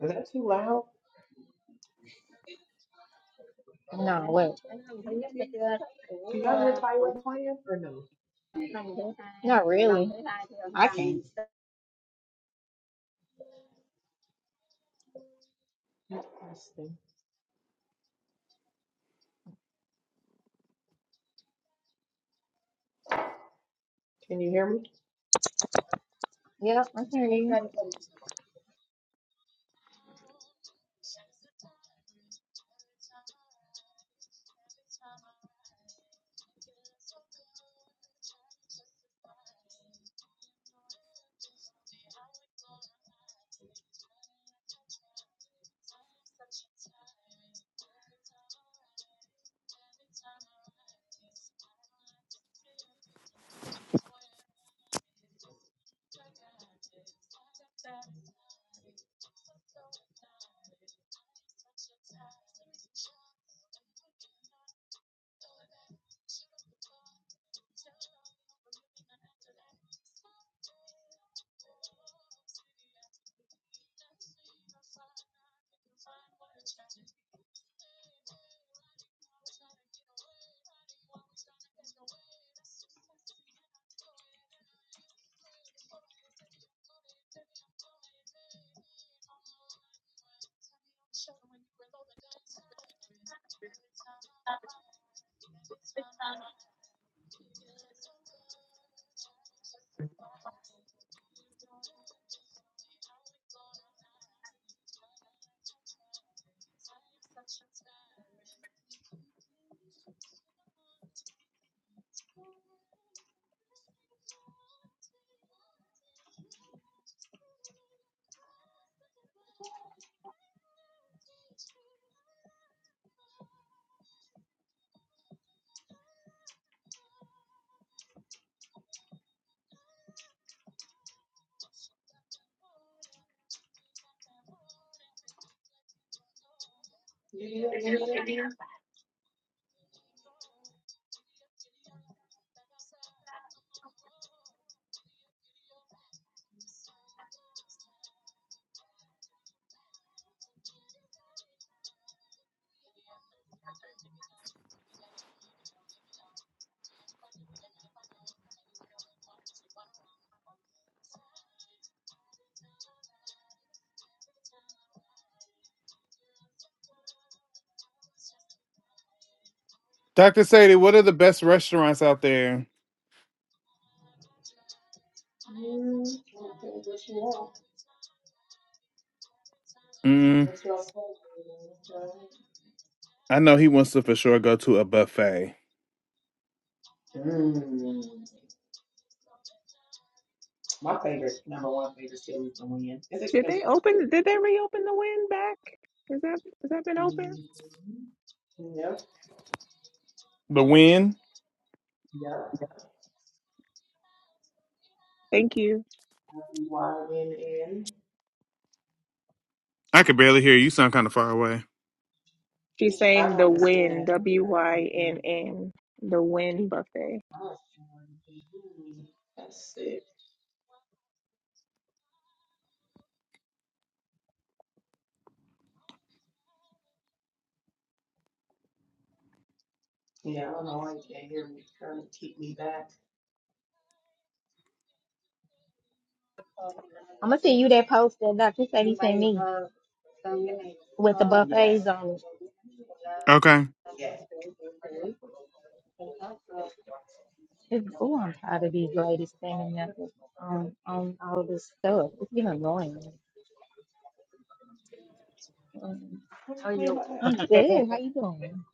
S1: Is that too loud?
S2: No, what?
S1: Can you hear- Do y'all hear Tyrek playing or no?
S2: Not really. I can't.
S1: Interesting. Can you hear me?
S2: Yep, I can't even.
S1: Yeah, yeah.
S5: Dr. Sadie, what are the best restaurants out there?
S1: Mm, okay, what you want? What's your favorite?
S5: I know he wants to for sure go to a buffet.
S1: Mm, my favorite, number one favorite series to win. It's
S4: Did they
S1: expensive.
S4: open? Did they reopen the win back? Is that has that been open?
S1: Mm-hmm. Yep,
S5: But when?
S1: yep.
S4: Thank you.
S1: Why win in?
S5: I could barely hear you. You Sound kind of far away.
S4: She's
S1: I
S4: saying
S1: don't
S4: the
S1: understand.
S4: win,
S1: Let me
S4: W
S1: try to
S4: Y N
S1: confirm
S4: N, the win buffet.
S1: I don't understand That's sick. Yeah, I don't know why you can't hear me. Trying to keep me back.
S2: I'm gonna send you that post that Dr. he sent me with the buffets
S1: Yes,
S2: on it.
S5: Okay.
S1: yes.
S2: Oh, I'm tired of these ladies standing up on on all this stuff. It's getting annoying.
S1: What you mean by that?
S2: Good. How you doing?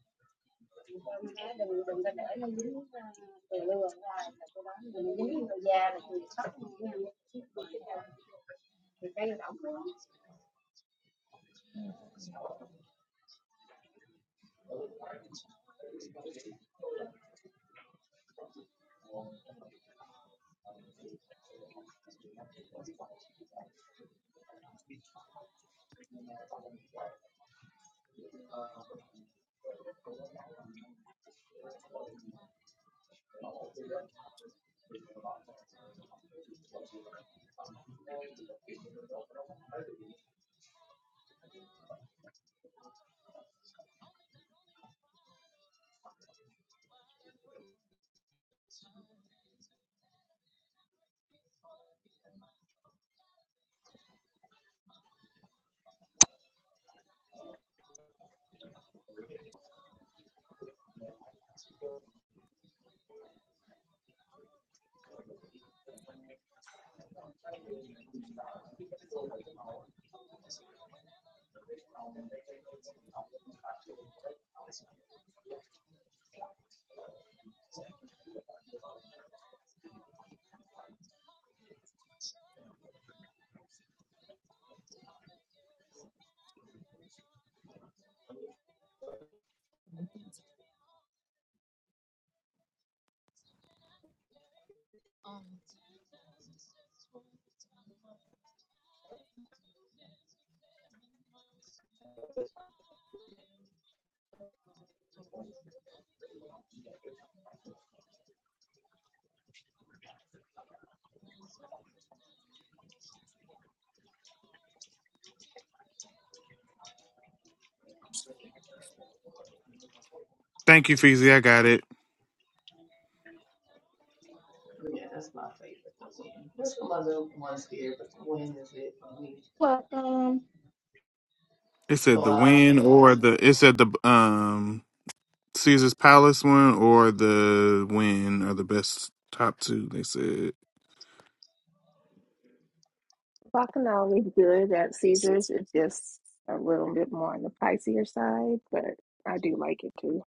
S5: Thank you, Feezy. I got it.
S1: Yeah, that's my favorite, the wind. That's one of the ones here, but the wind is it for me.
S2: Well, um,
S5: It said the
S1: Bellagio.
S5: win or the it said the um Caesar's Palace one or the win are the best top two. They said.
S4: Bacchanal is good at Caesar's. It's just a little bit more on the pricier side, but I do like it too.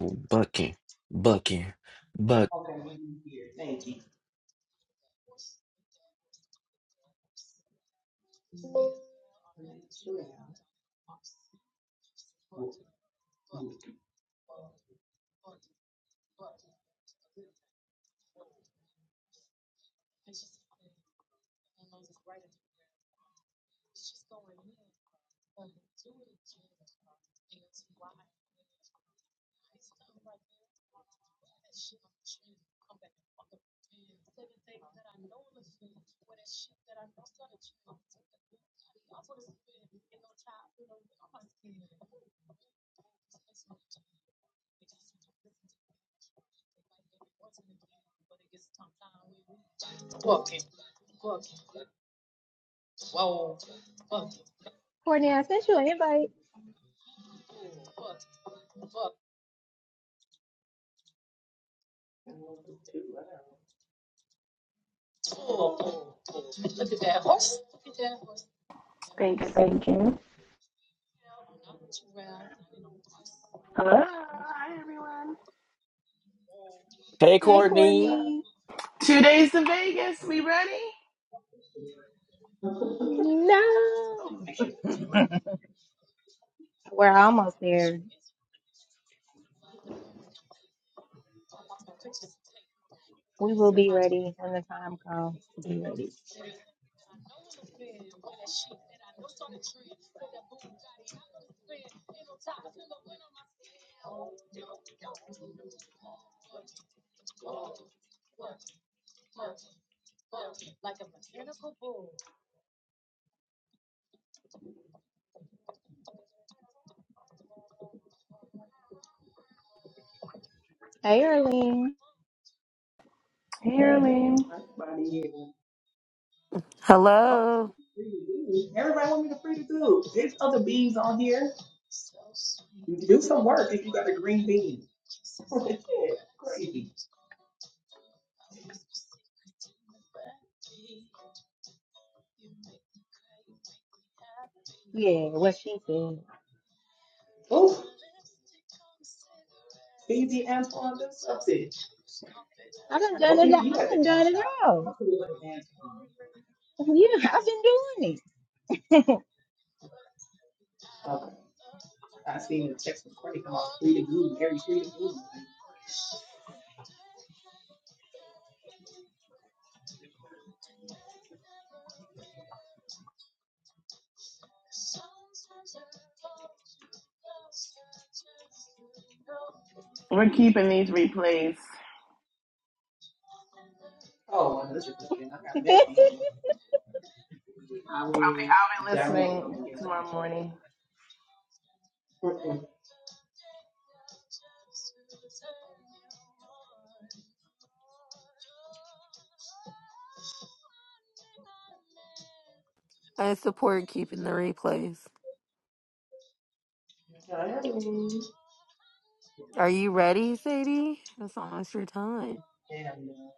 S7: Bucky. Bucky. Buck.
S1: Okay, we can hear. Thank you.
S2: Courtney, I sent you an invite.
S8: Thank you, thank you. Hello, hi everyone.
S7: Hey,
S2: Hey,
S7: Courtney.
S2: Courtney.
S8: Two days to Vegas. We ready?
S2: No, we're almost there. We will be ready when the time comes to be ready. Hey, Erlene.
S8: Here, Arlene.
S1: Everybody here. Oh,
S9: Hello.
S1: free to do. Everybody want me to free to do. There's other beans on here. Do some work if you got a green bean. Yeah, Crazy.
S2: Yeah, what she said.
S1: Oh, easy Antoine, do something.
S2: I done
S1: What
S2: done it.
S1: if you
S2: I
S1: at the
S2: done
S1: nail
S2: done it
S1: shop? I
S2: all.
S1: could have done Antoine. Yeah.
S2: Yeah, I've been doing
S1: Okay. I seen the text from Courtney come out free to glue, Harry free to glue.
S8: We're keeping these replays.
S1: Oh, well, that's your thing. I got
S2: it.
S1: messy on I will
S8: I'll be
S1: download them
S8: listening
S1: and get rid of
S8: tomorrow
S1: them.
S8: morning.
S1: Mm-mm.
S9: I support keeping the replays.
S1: Sorry.
S9: Are you ready, Sadie? It's almost your time.
S1: And uh,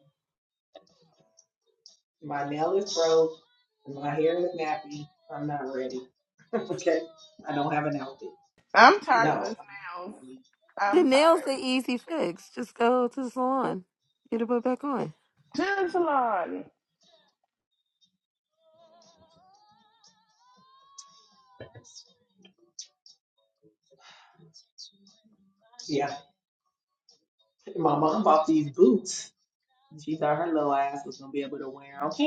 S1: my nail is broke. and My hair is nappy. I'm not ready. okay. I don't have an outfit.
S8: I'm tired of
S1: No.
S8: this nails.
S9: The
S8: I'm
S9: nail's the
S8: tired.
S9: easy fix. Just go to the salon. Get it put back on.
S8: To the salon.
S1: Yeah. My mom bought these boots. and She thought her little ass was gonna be able to wear 'em.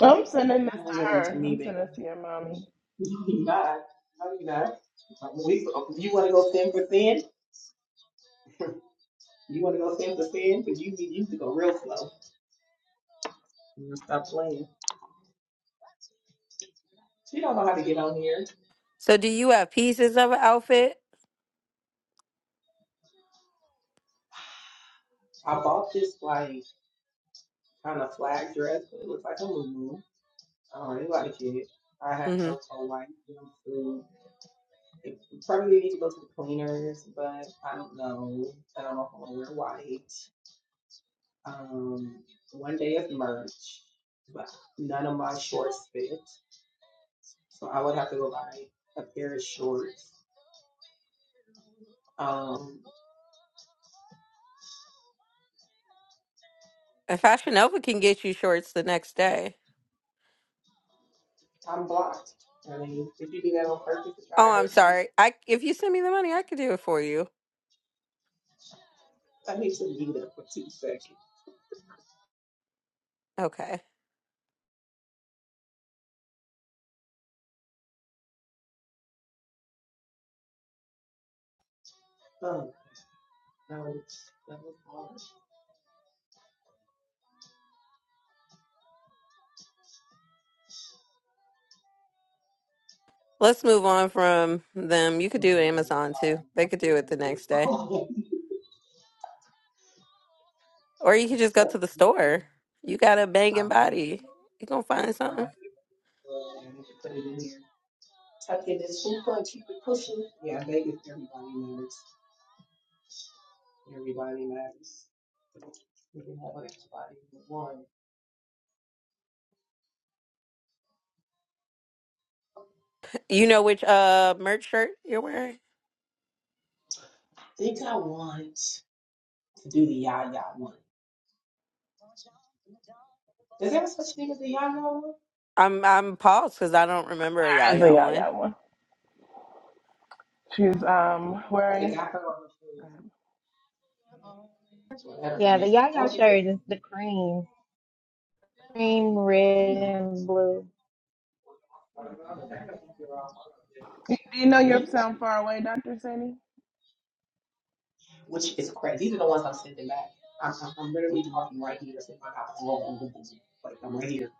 S8: I'm sending this
S1: I give
S8: to
S1: them to
S8: her.
S1: me,
S8: I'm
S1: baby.
S8: sending this to your mommy.
S1: No, you not. No, you not. We, you want to go thin for thin? You want to go thin for thin? Because you need you to go real slow. Mm, Stop playing. She don't know how to get on here.
S9: So do you have pieces of an outfit?
S1: I bought this like kind of flag dress, but it looks like a muumuu. I don't really like it. I have
S9: Mm-hmm.
S1: a white jumpsuit. It probably needs to go to the cleaners, but I don't know. I don't know if I'm gonna wear white. Um, one day is merch, but none of my shorts fit, so I would have to go buy a pair of shorts. Um,
S9: And Fashion Nova can get you shorts the next day.
S1: I'm blocked. I mean, if you do that on purpose to try
S9: Oh,
S1: to
S9: I'm
S1: hurt me,
S9: sorry. I if you send me the money, I could do it for you.
S1: I need to mute up for two seconds.
S9: Okay.
S1: Oh No, it's that was not.
S9: Let's move on from them. You could do Amazon too. They could do it the next day.
S1: Oh,
S9: Or
S1: I
S9: you could just
S1: messed
S9: go to
S1: up.
S9: the
S1: And you can
S9: store. You got a banging body. You gonna find something.
S1: put it in here. Tuck it in this hoop and keep it pushing. Yeah, Vegas, everybody matters. Everybody matters. We can have everybody in one.
S9: You know which uh merch shirt you're wearing?
S1: I think I want to do the yah-yah one. Is there such thing as the yah-yah one?
S9: I'm I'm paused because I don't remember a
S8: There is a
S9: Yaya one.
S8: yaya one. She's um
S1: They
S8: wearing.
S1: got her on the phone. So that doesn't
S2: yeah, the
S1: make
S2: Yaya shirt
S1: Forty-six.
S2: is the cream, cream red
S1: Hmm.
S2: and blue.
S8: Do you know you
S1: Green?
S8: sound far away, Doctor Sandy?
S1: Which is crazy. These are the ones I'm sending back. I'm, I'm, I'm literally
S8: hmm
S1: talking right here. It's in my house. I'm all on Google. Like, I'm right here.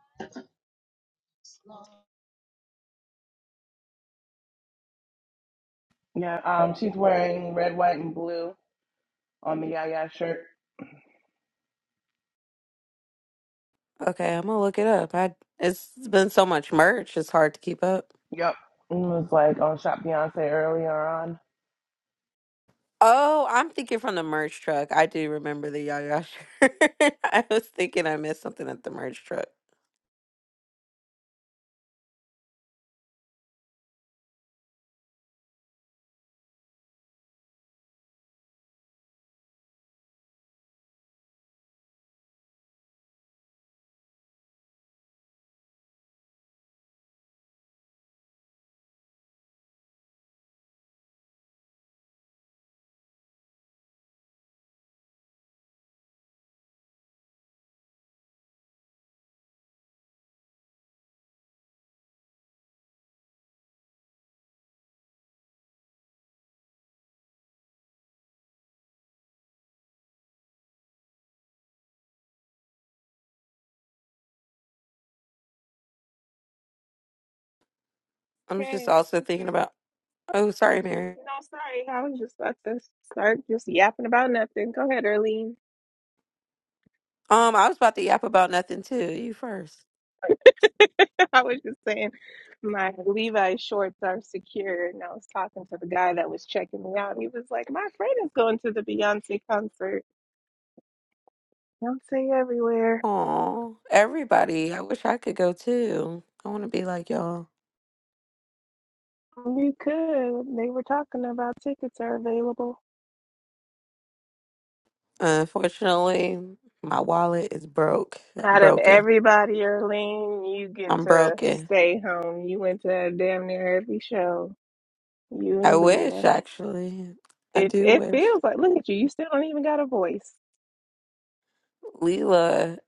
S8: Yeah. Um, she's wearing red, white, and blue on the yaya shirt.
S9: Okay, I'm gonna look it up. I it's been so much merch, it's hard to keep up.
S8: Yep. It was like on Shop Beyonce earlier on.
S9: Oh, I'm thinking from the merch truck. I do remember the Yaya shirt. I was thinking I missed something at the merch truck. I'm just
S4: Okay.
S9: also thinking about. Oh, sorry, Mary.
S4: No, sorry. I was just about to start just yapping about nothing. Go ahead, Earlene.
S9: Um, I was about to yap about nothing too. You first.
S4: I was just saying my Levi shorts are secure. And I was talking to the guy that was checking me out. And He was like, My friend is going to the Beyonce concert. Beyonce everywhere.
S9: Aw, everybody. I wish I could go too. I want to be like y'all.
S4: You could. They were talking about tickets are available.
S9: Unfortunately, my wallet is broke. I'm
S4: Out of
S9: broken.
S4: everybody, Erlene, you get
S9: I'm
S4: to
S9: broken.
S4: stay home. You went to damn near every show. You
S9: I
S4: and
S9: wish,
S4: Leah.
S9: actually. I
S4: It
S9: do
S4: it
S9: wish.
S4: feels like look at you. You still don't even got a voice.
S9: Leela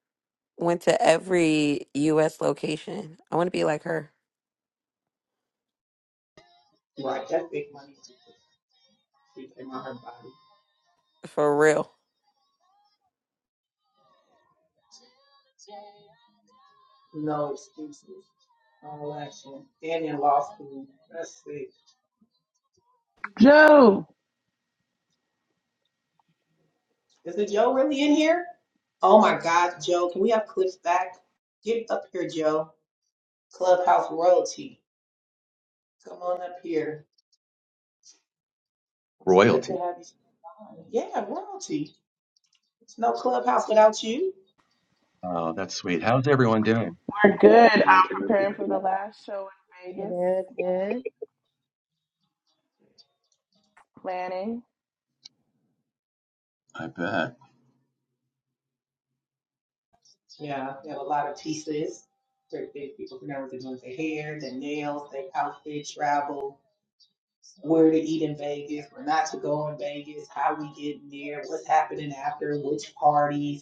S9: went to every U.S. location. I want to be like her
S1: Right. That's big money. She's in my her body.
S9: for real.
S1: No excuses. No action. And in law school. That's sick.
S8: Joe,
S1: Is it Joe really in here? Oh my God, Joe. Can we have clips back? Get up here, Joe. Clubhouse royalty. Come on up here. It's good to
S10: Royalty.
S1: have you. on. Yeah, royalty. It's no clubhouse without you.
S10: Oh, that's sweet. How's everyone doing?
S8: we're good. I'm preparing for the last show in Vegas.
S2: Good, good.
S8: Planning.
S10: I bet.
S1: Yeah, they have a lot of pieces. Certain things people can never doing with their hair, their nails, their outfit, travel, where to eat in Vegas, where not to go in Vegas, how we get there, what's happening after, which parties.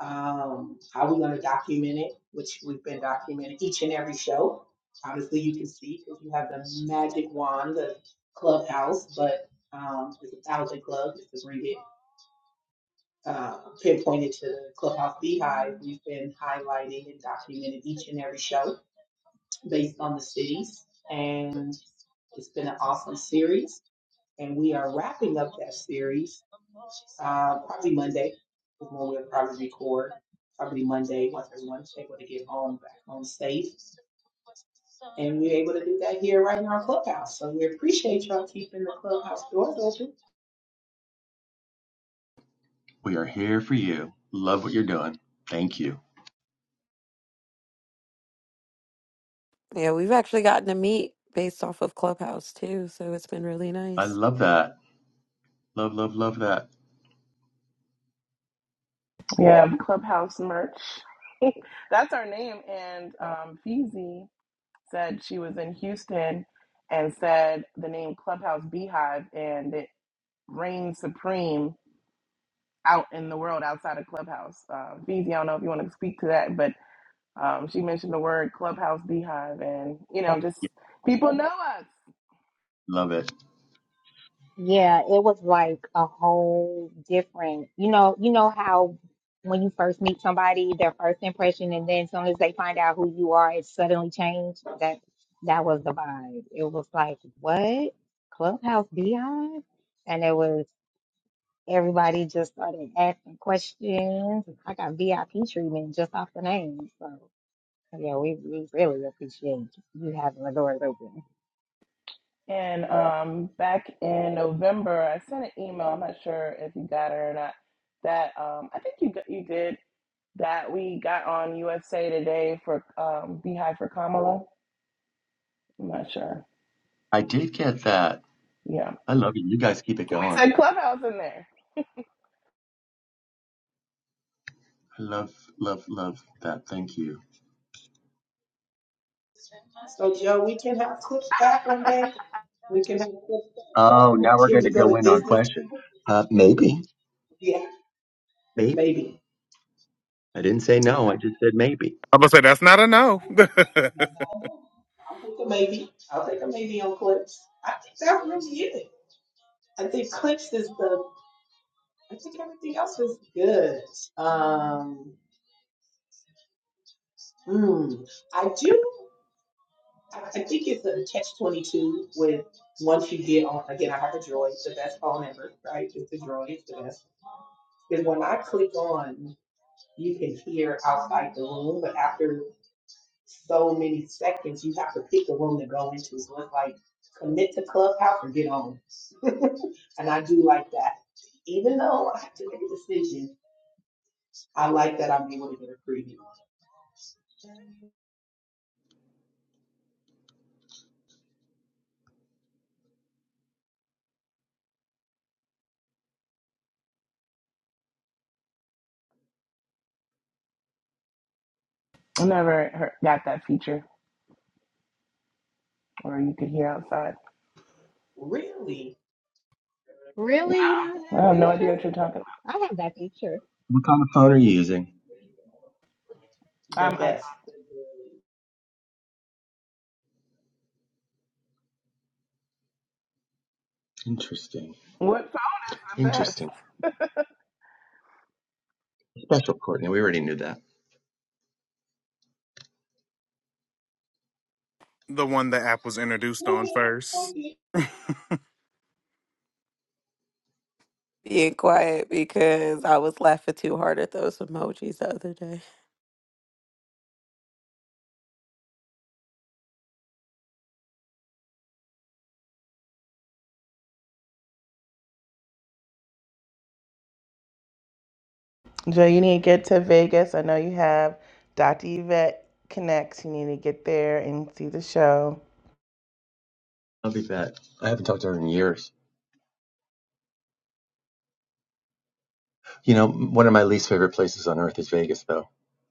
S1: um, how we're going to document it, which we've been documenting each and every show. Obviously, you can see because you have the magic wand, the clubhouse, but um, it's a thousand club just to bring it uh, pinpointed to the clubhouse beehive. We've been highlighting and documenting each and every show based on the cities, and it's been an awesome series and we are wrapping up that series uh, probably Monday is when we'll probably record. Probably Monday once everyone's able to get home back home safe, and we're able to do that here right in our clubhouse. So we appreciate y'all keeping the clubhouse doors open.
S10: We are here for you. Love what you're doing. Thank you.
S9: Yeah, we've actually gotten to meet based off of Clubhouse too, so it's been really
S10: I
S9: nice.
S10: love that. Love, love, love that.
S8: We yeah. have Clubhouse merch. That's our name. And um, Feezy said she was in Houston and said the name Clubhouse Beehive, and it reigns supreme out in the world outside of Clubhouse. Uh, Feezy, I don't know if you want to speak to that, but Um, she mentioned the word Clubhouse Beehive, and you know, just
S10: Yeah,
S8: people know us.
S10: love it.
S2: Yeah, it was like a whole different, you know, you know how when you first meet somebody, their first impression, and then as soon as they find out who you are, it suddenly changed. That that was the vibe. It was like, what? Clubhouse Beyond? And it was everybody just started asking questions. I got VIP treatment just off the name. So yeah, we, we really appreciate you having the doors open.
S8: And um, back in November, I sent an email. I'm not sure if you got it or not. That um, I think you got, you did. That we got on USA Today for um, Beehive for Kamala. I'm not sure.
S10: I did get that.
S8: Yeah,
S10: I love it. You guys keep it
S8: we
S10: going.
S8: said Clubhouse in there.
S10: I love, love, love that. Thank you.
S1: So Joe, we can have clips back one day. We can have clips back,
S10: Oh,
S1: Joe.
S10: now we're
S1: Can
S10: going
S1: we
S10: to
S1: go
S10: go
S1: to
S10: in on
S1: business?
S10: questions. Uh, maybe.
S1: Yeah,
S10: Maybe.
S1: maybe.
S10: I didn't say no.
S1: Okay.
S10: I just said maybe.
S5: I'm gonna say that's not a no. the
S1: I'll take a maybe. I'll take a maybe on clips. I think that really is. I think Clicks is the. I think everything else is good. Um, mm, I do. I think it's a catch twenty two with once you get on. Again, I have a droid. the best phone ever, right? It's a droid. It's the best. Because when I click on, you can hear outside the room, but after so many seconds, you have to pick the room to go into. So it's like commit to Clubhouse or get on. And I do like that. Even though I have to make a decision, I like that I'm able to get a preview.
S8: I never heard, got that feature, or you could hear outside.
S1: really
S2: Really? You don't have
S8: I
S2: that
S8: have no
S2: picture?
S8: idea what you're talking
S2: I have that picture.
S10: What kind of phone are you using?
S8: about.
S1: the
S8: Um, I,
S1: best
S10: Interesting.
S8: what phone is the best?
S10: Interesting. Special, Courtney. We already knew that.
S5: one the app was introduced on first.
S9: Being quiet because I was laughing too hard at those emojis the other day.
S8: Joe, you need to get to Vegas. I know you have Dr. Yvette Connects. You need to get there and see the show.
S10: I'll be back. I haven't talked to her in years. You know, one of my least favorite places on earth is Vegas, though.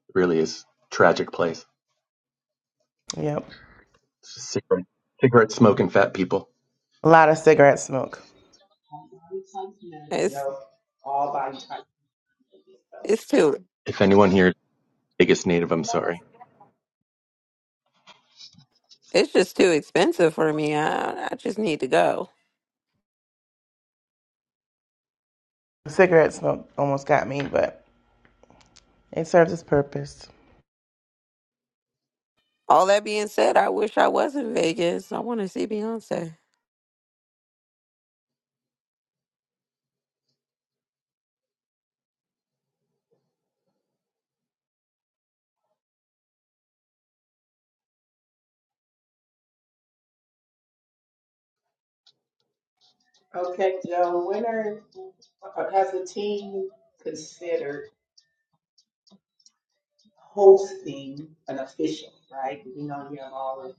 S10: It really is a tragic place.
S8: Yep.
S10: It's just cigarette, cigarette smoking fat people.
S8: A lot of cigarette smoke.
S1: All body types, matters,
S9: It's
S1: Joe. All body types. matters,
S9: it's too
S10: If anyone here is a Vegas native, I'm sorry.
S9: it's just too expensive for me. I I just need to go.
S8: Cigarette smoke almost got me, but it serves its purpose.
S9: All that being said, I wish I was in Vegas. I want to see Beyonce.
S1: Joe. Okay, Joe, when are, uh, has the team considered hosting an official, right? You know, you have all of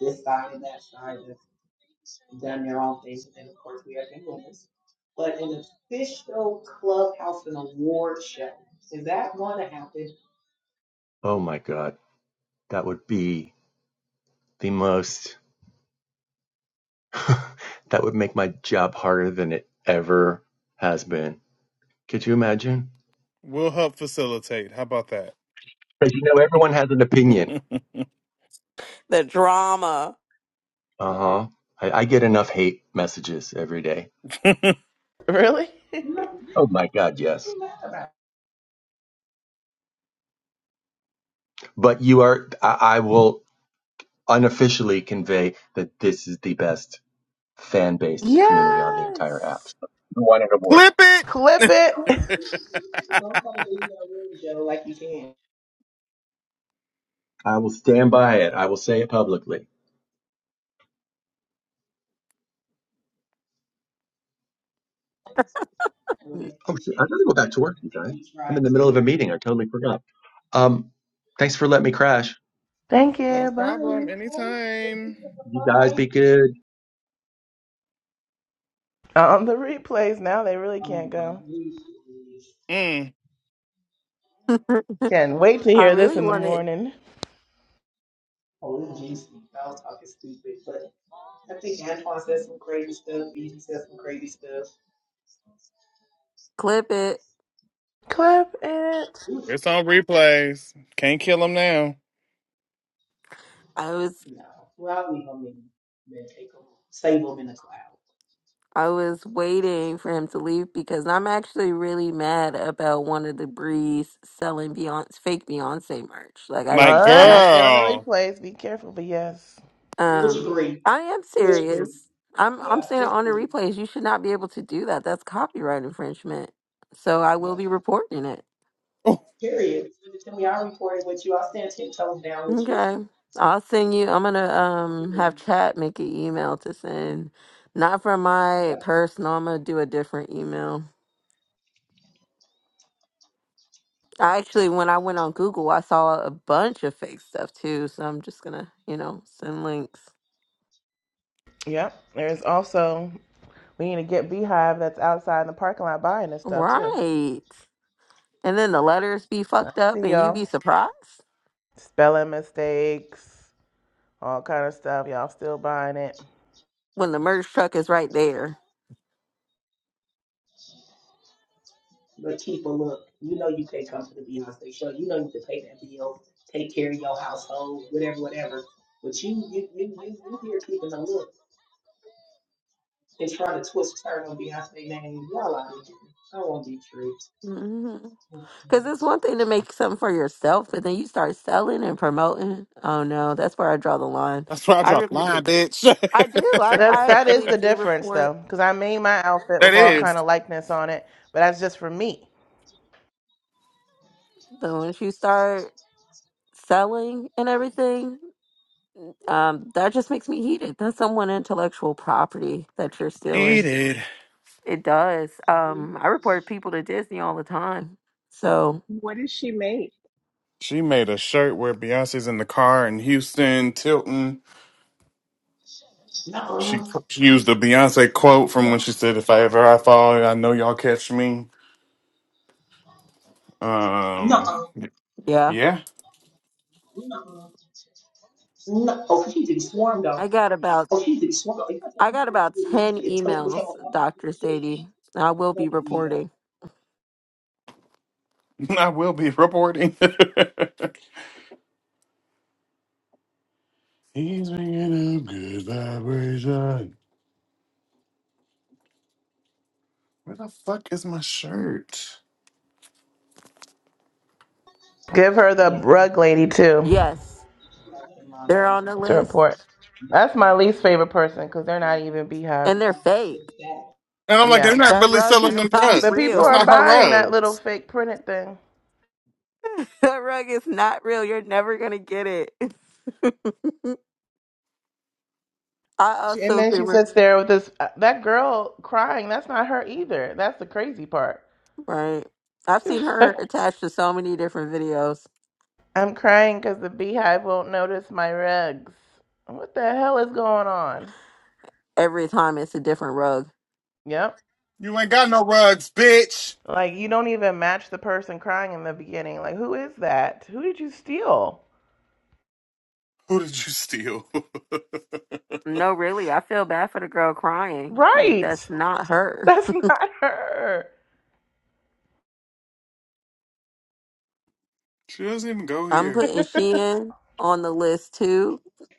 S1: this side and that side that's done their own things, and then of course we have the winners. But an official clubhouse and award show, is that going to happen?
S10: Oh my God. That would be the most, that would make my job harder than it ever has been. Could you imagine?
S5: We'll help facilitate. How about that?
S10: Because you know, everyone has an opinion.
S5: Clip
S9: The drama.
S10: Uh huh. I, I get enough hate messages every day.
S8: Really?
S1: No,
S10: Oh my God, yes.
S1: I'm not
S10: But you are, I, I will unofficially convey that this is the best fan-based community on the entire app.
S8: yes.
S10: So I want it aboard.
S5: it.
S8: Clip it.
S1: Don't try to leave no room, Joe, like you can.
S10: I will stand by it. I will say it publicly.
S1: I really
S10: Oh, shoot, I
S1: appreciate
S10: gotta go back to work,
S1: that. I
S10: you
S1: think
S10: guys.
S1: we try
S10: I'm in the
S1: to.
S10: middle of a meeting. I totally forgot. Um, thanks for letting me crash.
S8: Thank
S5: no
S8: you.
S1: Thanks for
S5: problem.
S8: Bye.
S1: coming, Joe.
S5: Anytime.
S1: It's a
S10: You guys
S1: surprise.
S10: be good.
S8: On the replays now, they really can't
S1: Um,
S8: go.
S1: we should.
S5: Mm.
S8: Can't wait to
S9: I
S8: hear
S1: Wow.
S8: this
S9: really
S8: in the
S9: want to
S8: morning.
S1: OMG, I was talking stupid, but I think Antoine said some crazy stuff. Beezy said some crazy stuff.
S9: clip it.
S8: Clip it.
S1: Oof,
S5: It's on replays. Can't kill him now.
S9: I was
S1: no. Well, I'll leave them in. Man, take them. Save them in the cloud.
S9: I was waiting for him to leave because I'm actually really mad about one of the Breeze selling Beyonce fake Beyonce merch. Like I
S5: Like,
S8: All
S9: I'm
S8: right.
S9: actually
S8: You're on the
S5: girl.
S8: replays. Be careful, but yes.
S1: Which
S9: um
S1: breed?
S9: I am
S1: Which breed?
S9: serious. I'm I'm
S1: Yeah,
S9: saying it
S1: which
S9: on the
S1: breed?
S9: replays. You should not be able to do that. That's copyright infringement. So I will
S1: Yep.
S9: be reporting it.
S5: Oh,
S1: Period. Send it to me. I reported with you. I stand ten toes down with you.
S9: Okay. I'll send you I'm gonna um have chat make an email to send. Not from my
S1: Yep.
S9: personal, I'm gonna do a different email. I actually when I went on Google I saw a bunch of fake stuff too, so I'm just gonna, you know, send links.
S8: Yep. There's also We need to get Beehive that's outside in the parking lot buying this stuff too.
S9: Right. And then the letters be
S8: I
S9: fucked up
S8: see
S9: and you
S8: y'all.
S9: be surprised
S8: Spelling mistakes, all kind of stuff. Y'all still buying it.
S9: when the merge truck is right there.
S1: But keep a look. You know you can't come to the Beyonce show. You know you can pay that bill, take care of your household, whatever, whatever. But you, you, you, you, you here keeping a look and trying to twist turn on Beyonce name. Y'all out of here. I won't be tricked.
S9: Mm-hmm. Because it's one thing to make something for yourself, but then you start selling and promoting. Oh no, that's where I draw the line.
S5: that's where I
S9: I
S5: dropped the
S9: really, do.
S5: line, bitch.
S9: I do. I,
S8: That's
S9: I
S8: that is
S9: actually
S8: the
S9: do
S8: difference though,
S9: report.
S8: because I made my outfit with
S5: that
S8: all
S9: Yeah,
S5: is.
S8: kind of likeness on it, but that's just for me.
S9: but once you start selling and everything, um, that just makes me heated. That's someone intellectual property that you're stealing.
S5: Heated.
S9: It does. Um, I report people to Disney all the time. So
S4: What does she make?
S5: She made a shirt where Beyonce's in the car in Houston, Tilton. She,
S1: No,
S5: she used the Beyonce quote from when
S1: no,
S5: she said, If I ever I fall, I know y'all catch me. Um,
S1: no,
S9: yeah,
S5: yeah,
S1: no, no. Oh, she's getting swarmed
S9: I
S1: though.
S9: got about
S1: Oh, she's getting swarmed. If
S9: I got about
S1: you
S9: 10
S1: tell me what's
S9: emails, Dr.
S1: going
S9: Sadie. I will be
S1: on,
S9: reporting.
S5: I will be reporting. He's bringing up good vibration. Where the fuck is my shirt?
S8: Give her the
S1: Yeah.
S8: rug lady too
S9: Yes, they're on the
S8: to
S9: list
S8: report. That's my least favorite person because they're not even Beehive.
S9: and they're
S1: Wow.
S9: fake.
S5: And I'm like, they're
S8: Yeah,
S5: not
S9: That
S5: really
S9: rug
S5: selling
S9: is
S5: them
S9: not
S8: but
S5: rugs.
S8: people
S5: That's
S8: are
S5: not
S9: real.
S5: her
S8: buying that little
S5: rugs.
S8: fake printed thing.
S9: That rug is not real. You're never going to get it. I
S8: She- And
S9: also
S8: then she
S9: been
S8: sits there with this uh, that girl crying. That's not her either. That's the crazy part.
S9: Right. I've seen her attached to so many different videos.
S8: I'm crying because the beehive won't notice my rugs. What the hell is going on?
S9: Every time it's a different rug.
S8: Yep.
S5: You ain't got no rugs, bitch.
S8: Like, you don't even match the person crying in the beginning. Like, who is that? Who did you steal?
S5: Who did you steal?
S9: No, really. I feel bad for the girl crying. Like, that's
S8: Right.
S9: not her.
S8: That's not her.
S5: she doesn't even go
S9: I'm
S5: here.
S9: putting Shein on the list too.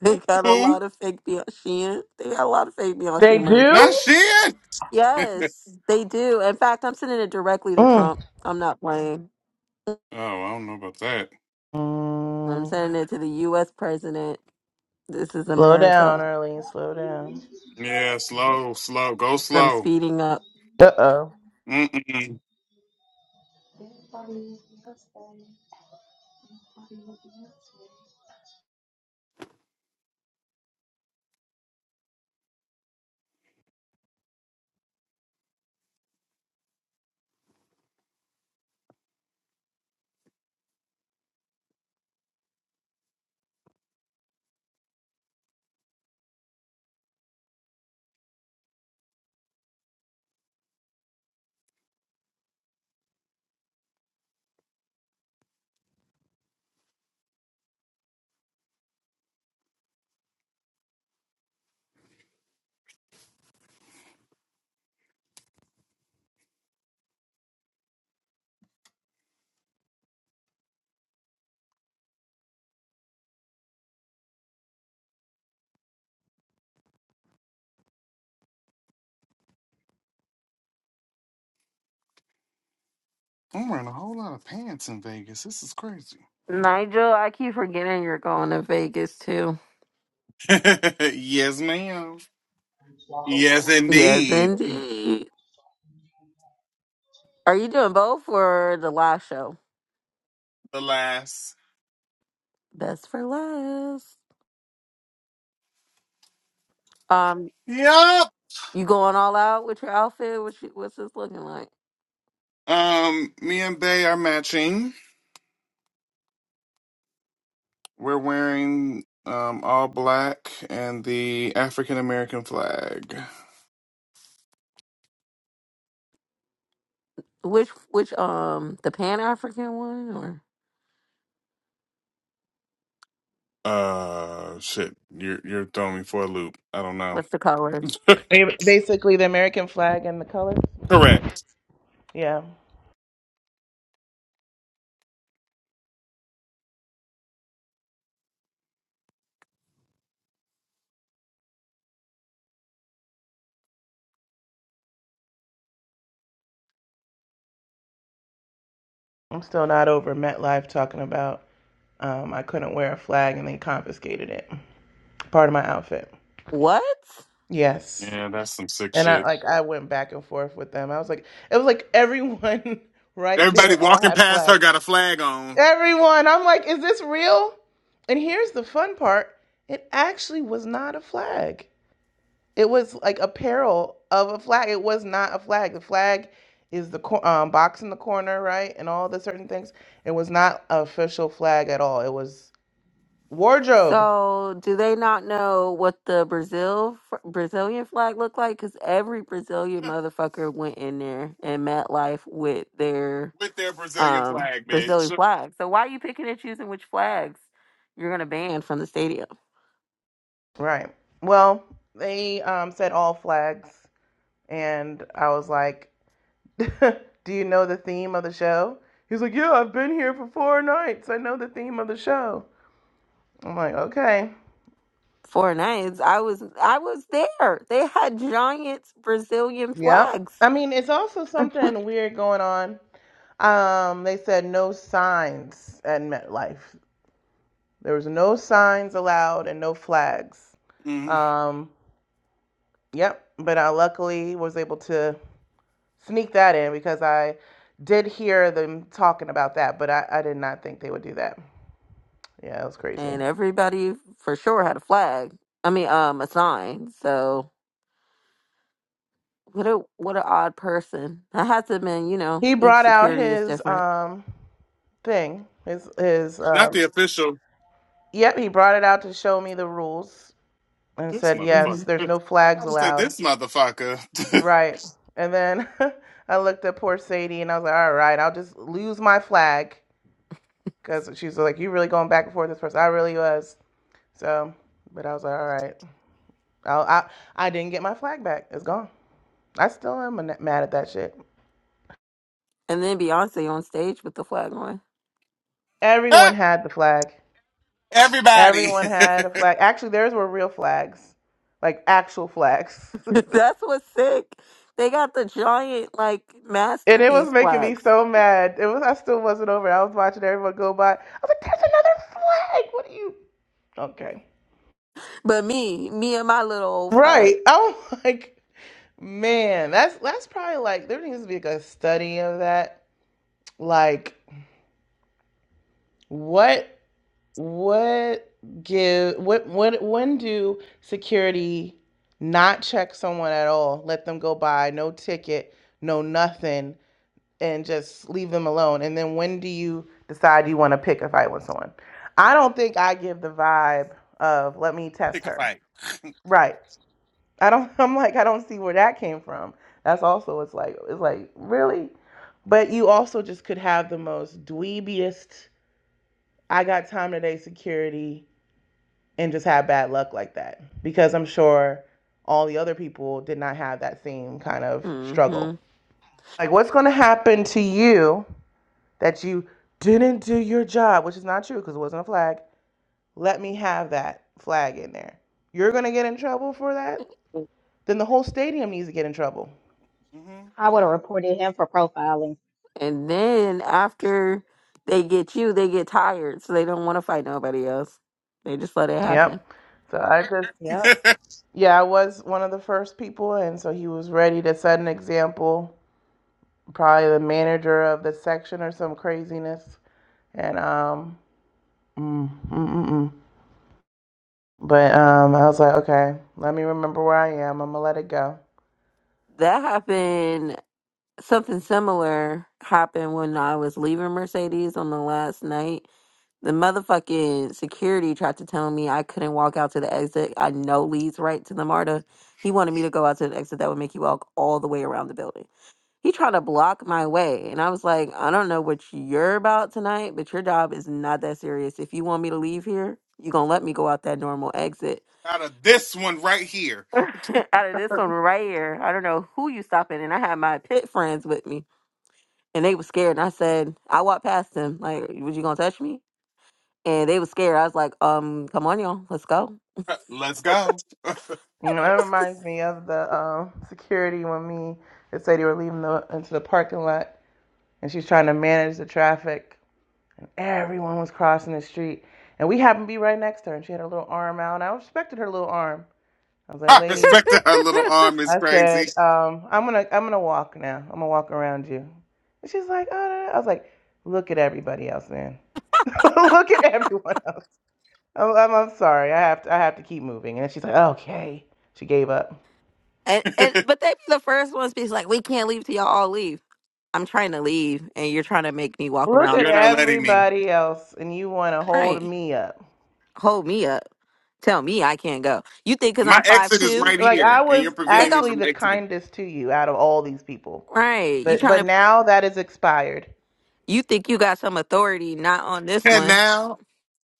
S9: they got a
S5: Who?
S9: lot of fake Beyonce. Shein. They got a lot of fake
S8: They
S9: Beyonce merch.
S5: Not
S8: do?
S5: shit. oh,
S9: Yes, they do. In fact, I'm sending it directly to
S8: Mm.
S9: Trump. I'm not playing.
S5: I don't know about that.
S9: I'm
S8: Mm.
S9: sending it to the U.S. president. This is
S8: Slow
S9: America.
S8: down, Arlene. Slow down.
S5: Yeah, slow, slow, go
S9: I'm
S5: slow.
S9: speeding up.
S8: Uh oh.
S5: Mm-mm. I'm wearing a whole lot of pants in Vegas. This is crazy.
S9: Nigel, I keep forgetting you're going to Vegas too.
S5: yes, ma'am. Yes,
S9: Yes,
S5: indeed.
S9: indeed. Are you doing both for the last show?
S5: Alas.
S9: Best for last. Um,
S5: Yup.
S9: you going all out with your outfit? What's you, what's this looking like?
S5: Um, me and Bay are matching. We're wearing um, all black and the African American flag.
S9: Which which um the Pan African one or
S5: Uh, shit, you're you're throwing me for a loop. I don't know.
S9: what's the colors?
S8: Basically, the American flag and the colors.
S5: Correct.
S8: Yeah. I'm still not over MetLife talking about um, I couldn't wear a flag and they confiscated it. part of my outfit.
S9: What?
S8: Yes.
S5: Yeah, that's some sick
S8: And I
S5: shit.
S8: like I went back and forth with them. I was like it was like everyone right
S5: Everybody
S8: there all
S5: walking
S8: had
S5: past her
S8: flags.
S5: got a flag on.
S8: Everyone. I'm like, is this real? And here's the fun part. It actually was not a flag. It was like apparel of a flag. It was not a flag. The flag is the cor- um, box in the corner, right? And all the certain things. It was not an official flag at all. It was wardrobe.
S9: So do they not know what the Brazil f- Brazilian flag looked like? Because every Brazilian motherfucker went in there and met life with their
S5: With their Brazilian
S9: um,
S5: flag, bitch.
S9: Brazilian flag. So why are you picking and choosing which flags you're gonna ban from the stadium?
S8: Right. Well, they um, said all flags and I was like, "Do you know the theme of the show?" He's like, "Yeah, I've been here for four nights. I know the theme of the show." I'm like, "Okay,
S9: Four nights, I was I was there. They had giant Brazilian
S8: yep."
S9: flags,
S8: I mean, it's also something weird going on. Um, they said no signs at MetLife. There was no signs allowed and no flags.
S5: Mm,
S8: Um, yep. But I luckily was able to sneak that in because I did hear them talking about that, but I, I did not think they would do that. Yeah, it was crazy.
S9: and everybody for sure had a flag. I mean, um, a sign. So what a what a odd person. I had to. been, you know,
S8: He
S9: each
S8: brought out
S9: security is
S8: his
S9: different.
S8: um thing. His his
S5: not
S8: um
S5: the official.
S8: yep, he brought it out to show me the rules and
S5: This
S8: said,
S5: motherfucker.
S8: "Yes,
S9: hmm
S8: there's no flags
S5: I just said
S8: allowed."
S5: this motherfucker.
S8: Right. And then I looked at poor Sadie and I was like, "All right, I'll just lose my flag cuz she was like, "You really going back and forth with this person?" I really was. So, but I was like, "All right. I'll, I I didn't get my flag back. It's gone. I still am mad at that shit.
S9: And then Beyonce on stage with the flag on.
S8: Everyone had the flag.
S5: Everybody
S8: Everyone had a flag. Actually, theirs were real flags, like actual flags.
S9: That's what's sick. They got the giant like
S8: and it was
S9: masterpiece
S8: making me
S9: flags.
S8: so mad. It was I still wasn't over. it. I was watching everyone go by. I was like, "There's another flag. What are you?" Okay,
S9: But me, me and my little old
S8: right.
S9: flag.
S8: I'm like, man, that's that's probably like there needs to be like a study of that. Like, what what give what what when do security not check someone at all? Let them go by, no ticket, no nothing and just leave them alone? And then when do you decide you want to pick a fight with someone? I don't think I give the vibe of let me test
S5: pick a
S8: her.
S5: fight
S8: Right. I don't I'm like I don't see where that came from. That's also it's like it's like really? But you also just could have the most dweebiest I got time today security and just have bad luck like that because I'm sure all the other people did not have that same kind of
S9: hmm
S8: struggle. Like what's going to happen to you that you didn't do your job, which is not true because it wasn't a flag. Let me have that flag in there. You're gonna get in trouble for that. Then the whole stadium needs to get in trouble.
S5: hmm
S9: And then after they get you, they get tired, so they don't want to fight nobody else. They just let it happen.
S8: Yep. So I just, yeah, I was one of the first people, and so he was ready to set an example. Probably the manager of the section or some craziness, and um, mm, mm, mm, mm. but um, I was like, okay, let me remember where I am. I'm gonna let it go.
S9: That happened. Something similar happened when I was leaving Mercedes on the last night. The motherfucking security tried to tell me I couldn't walk out to the exit. I know leads right to the MARTA. He wanted me to go out to the exit that would make you walk all the way around the building. He tried to block my way. And I was like, I don't know what you're about tonight, but your job is not that serious. If you want me to leave here, you're going to let me go out that normal exit.
S5: out of this one right here.
S9: out of this one right here, I don't know who you stopping. And I had my pit friends with me, and they were scared. And I said, I walked past them, like, was you going to touch me? And they were scared. I was like, um, come on, y'all, let's go.
S5: Let's go.
S8: Mm, That
S9: it was
S8: reminds me of the um, security when me and Sadie were leaving the, into the parking lot, and she's trying to manage the traffic. Everyone was crossing the street, and we happened to be right next to her, and she had her little arm out, and I respected her little arm. I was like,
S5: I
S8: "Lady,"
S5: respect that her little arm is
S8: I
S5: crazy.
S8: said, um, "I'm gonna, I'm gonna walk now. I'm gonna walk around you." And she's like, "Oh," no, no." I was like, "Look at everybody else, man. Look at everyone else. I'm, I'm, I'm sorry. I have to, I have to keep moving." And she's like, "Okay." She gave up.
S9: and, and
S5: and
S9: but they be the first ones be like, we can't leave till y'all all leave. I'm trying to leave, and you're trying to make me walk
S8: Look at
S9: around
S5: you're not letting me.
S8: everybody else, and you want to hold
S9: Right.
S8: me up.
S9: Hold me up. Tell me I can't go. You think because
S5: My
S9: I'm five
S5: exit is
S9: two?
S5: right
S8: Like
S5: here,
S8: I
S5: and you're
S8: was
S5: preventing
S9: Think
S5: me
S9: I'm
S8: actually
S5: from
S8: the
S5: exiting.
S8: kindest to you out of all these people,
S9: right. You
S8: but but
S9: trying to
S8: now that is expired.
S9: you think you got some authority, not on this
S5: And
S9: one.
S5: now,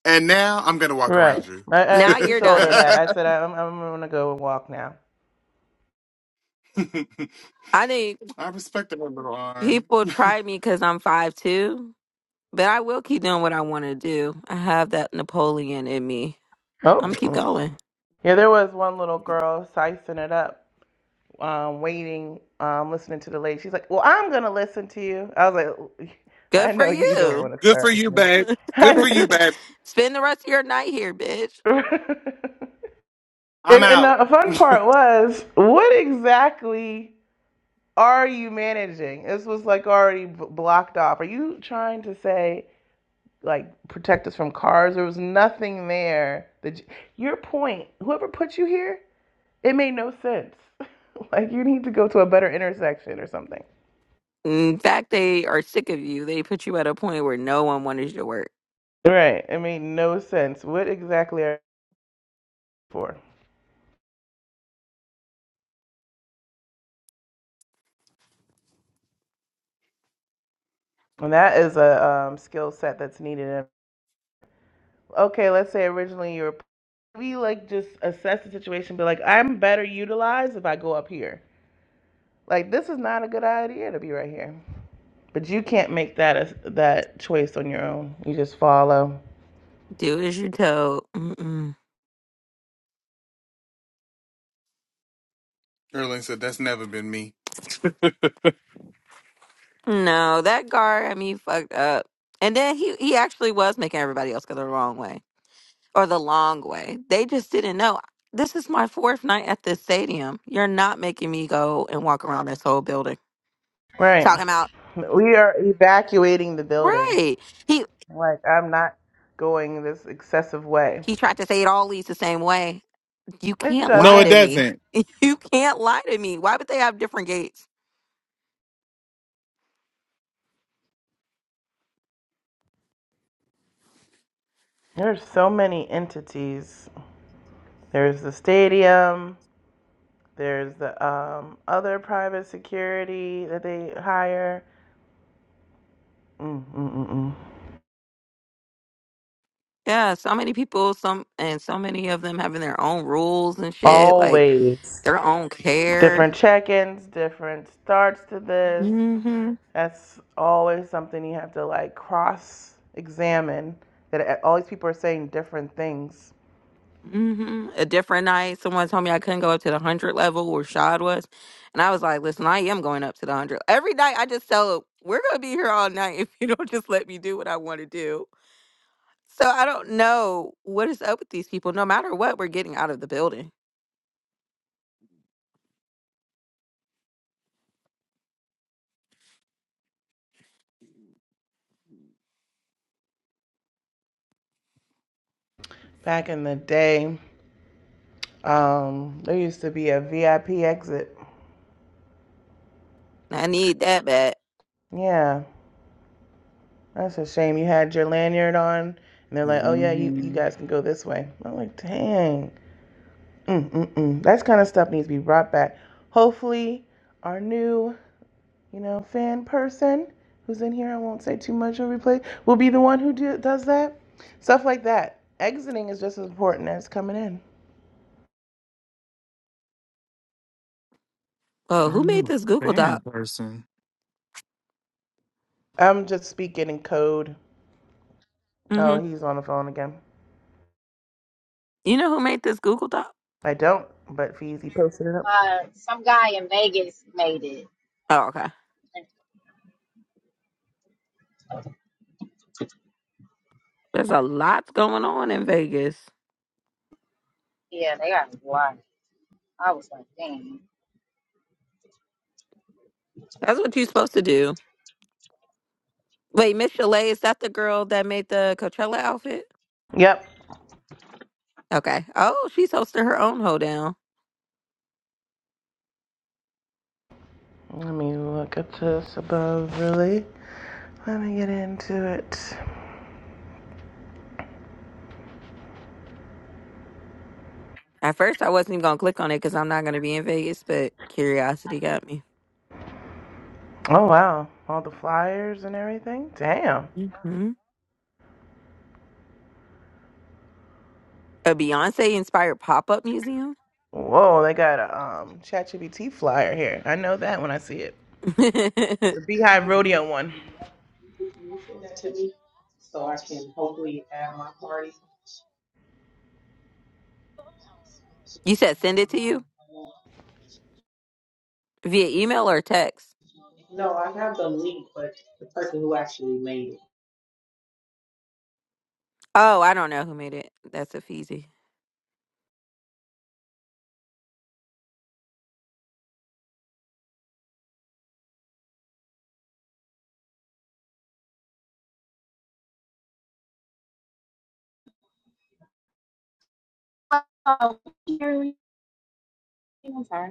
S5: and now I'm gonna walk
S8: Right.
S5: around you.
S8: I, I
S9: Now
S8: actually
S9: you're
S8: told her
S9: done.
S8: that. I said I'm I'm gonna go and walk now.
S9: I think
S5: I respect that her little arm.
S9: people try me because I'm five two, but I will keep doing what I want to do. I have that Napoleon in me. I'm
S8: Oh.
S9: gonna keep
S8: Mm.
S9: going.
S8: Yeah, there was one little girl sicing it up, um, waiting, um, listening to the lady. She's like, "Well, I'm gonna listen to you." I was like, "I
S9: Good for
S8: know you don't want
S9: you.
S8: to
S5: Good for
S8: start with
S5: you,
S8: me.
S5: babe. Good for you,
S8: I
S5: babe.
S9: Spend the rest of your night here, bitch.
S8: know you." And,
S5: I'm
S8: and
S5: out.
S8: the fun part was, what exactly are you managing? This was like already b- blocked off. Are you trying to say, like, protect us from cars? There was nothing there. That you, your point, whoever put you here, it made no sense. like, you need to go to a better intersection or something.
S9: In fact, they are sick of you. They put you at a point where no one wanted you to work.
S8: Right. It made no sense. What exactly are you for? And that is a um, skill set that's needed in okay, let's say originally you were we like just assess the situation, be like, I'm better utilized if I go up here. Like this is not a good idea to be right here. But you can't make that a, that choice on your own. You just follow.
S9: Do as you're told. Mm-mm.
S5: Erling said that's never been me.
S9: No, that Gar, I mean, fucked up. And then he he actually was making everybody else go the wrong way or the long way. They just didn't know. This is my fourth night at this stadium. You're not making me go and walk around this whole building.
S8: Right.
S9: Talking about
S8: We are evacuating the building.
S9: right. He
S8: Like I'm not going this excessive way.
S9: he tried to say it all leads the same way. You
S8: It
S9: can't
S5: No,
S9: lie
S5: it
S8: doesn't.
S9: to me.
S5: doesn't.
S9: You can't lie to me. Why would they have different gates?
S8: There's so many entities. There's the stadium. There's the um, other private security that they hire Mm, mm, mm, mm.
S9: Yeah, so many people, some and so many of them having their own rules and shit, like
S8: Always
S9: their own care.
S8: different check-ins, different starts to this. That's always something you have to like cross-examine. That a- all these people are saying different things.
S9: hmm A different night, someone told me I couldn't go up to the hundred level where Shad was, and I was like, "Listen, I am going up to the hundred every night." I just tell them, "We're gonna be here all night if you don't just let me do what I want to do." So I don't know what is up with these people. No matter what, we're getting out of the building.
S8: Back in the day, um, there used to be a VIP exit.
S9: I need that bad.
S8: Yeah, that's a shame. You had your lanyard on, and they're like, "Oh yeah, you, you
S5: Mhm.
S8: guys can go this way." I'm like, "Dang, mm mm mm." That kind of stuff needs to be brought back. Hopefully, our new you know, fan person who's in here, I won't say too much on replay, will be the one who do, does that. Stuff like that. Exiting is just as important as coming in.
S9: Oh, who
S5: I'm
S9: made
S5: a
S9: this Google
S5: fan
S9: Doc?
S5: person.
S8: I'm just speaking in code.
S9: hmm
S8: Oh, he's on the phone again.
S9: You know who made this Google Doc?
S8: I don't, but Feezy posted it up.
S2: Uh, some guy in Vegas made it.
S9: Oh, okay.
S2: And,
S9: There's a lot going on in Vegas. That's what you're supposed to do. Wait, Miss Chalet, is that the girl that made the Coachella outfit?
S8: Yep.
S9: Okay. Oh, she's hosting her own hoedown.
S8: Let me look at this above, really. Let me get into it.
S9: At first, I wasn't even gonna click on it because I'm not gonna be in Vegas, but curiosity got me.
S8: Oh, wow. All the flyers and everything. Damn.
S9: hmm A Beyonce inspired pop up museum.
S8: Whoa, they got a um, ChatGPT flyer here. I know that when I see it. The
S9: you
S8: Beehive Rodeo one.
S1: So I can hopefully add my party.
S9: said send it to you via email or text.
S1: No, I have the link, but the person who actually made it.
S9: Oh, I don't know who made it. That's a feezy.
S2: oh, I'm sorry.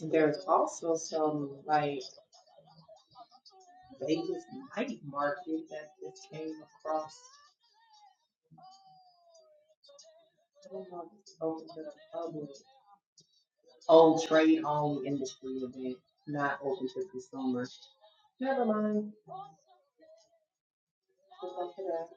S1: And There's also some like Vegas night market that just came across. I don't know if it's open to the public. Oh, trade only industry event, not open to consumer. Never mind. Just go for that.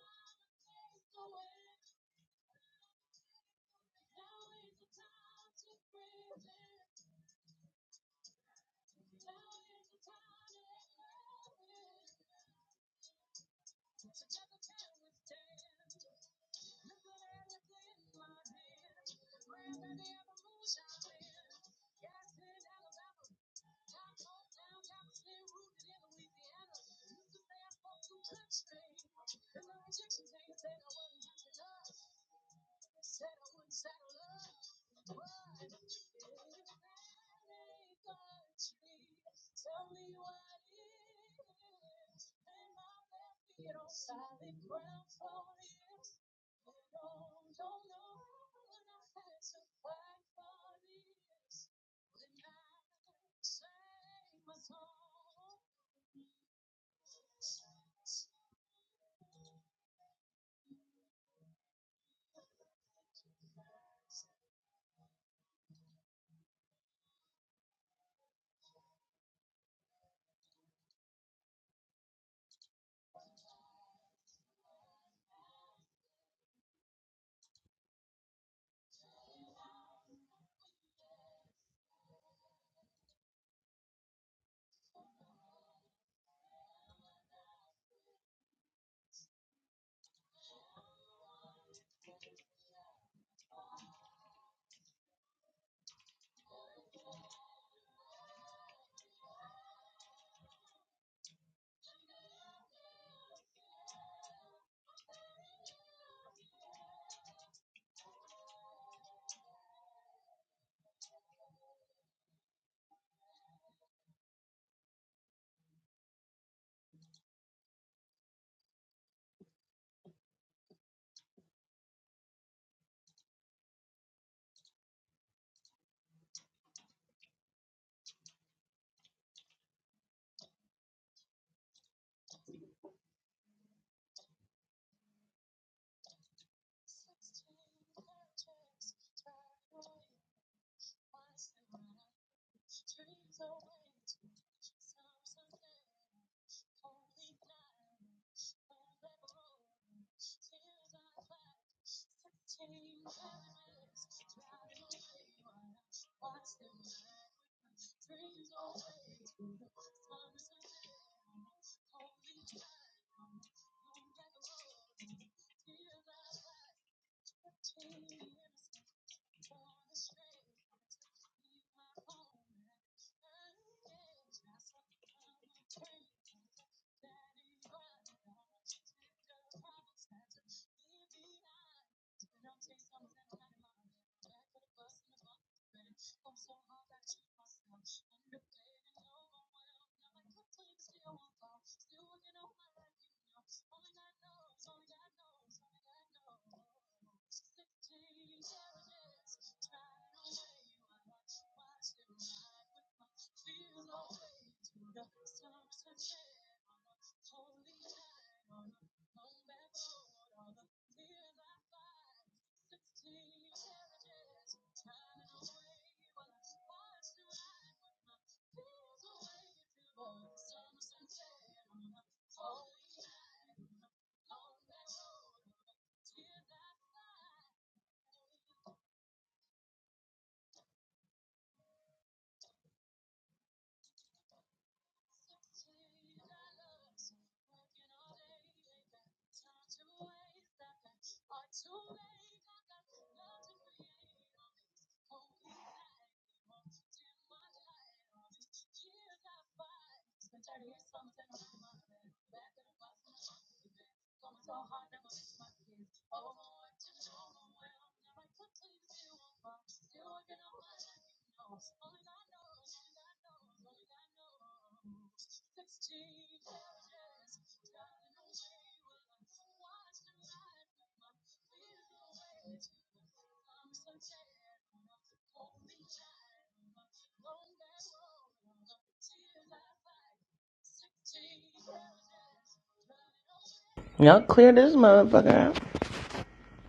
S8: Y'all clear this motherfucker.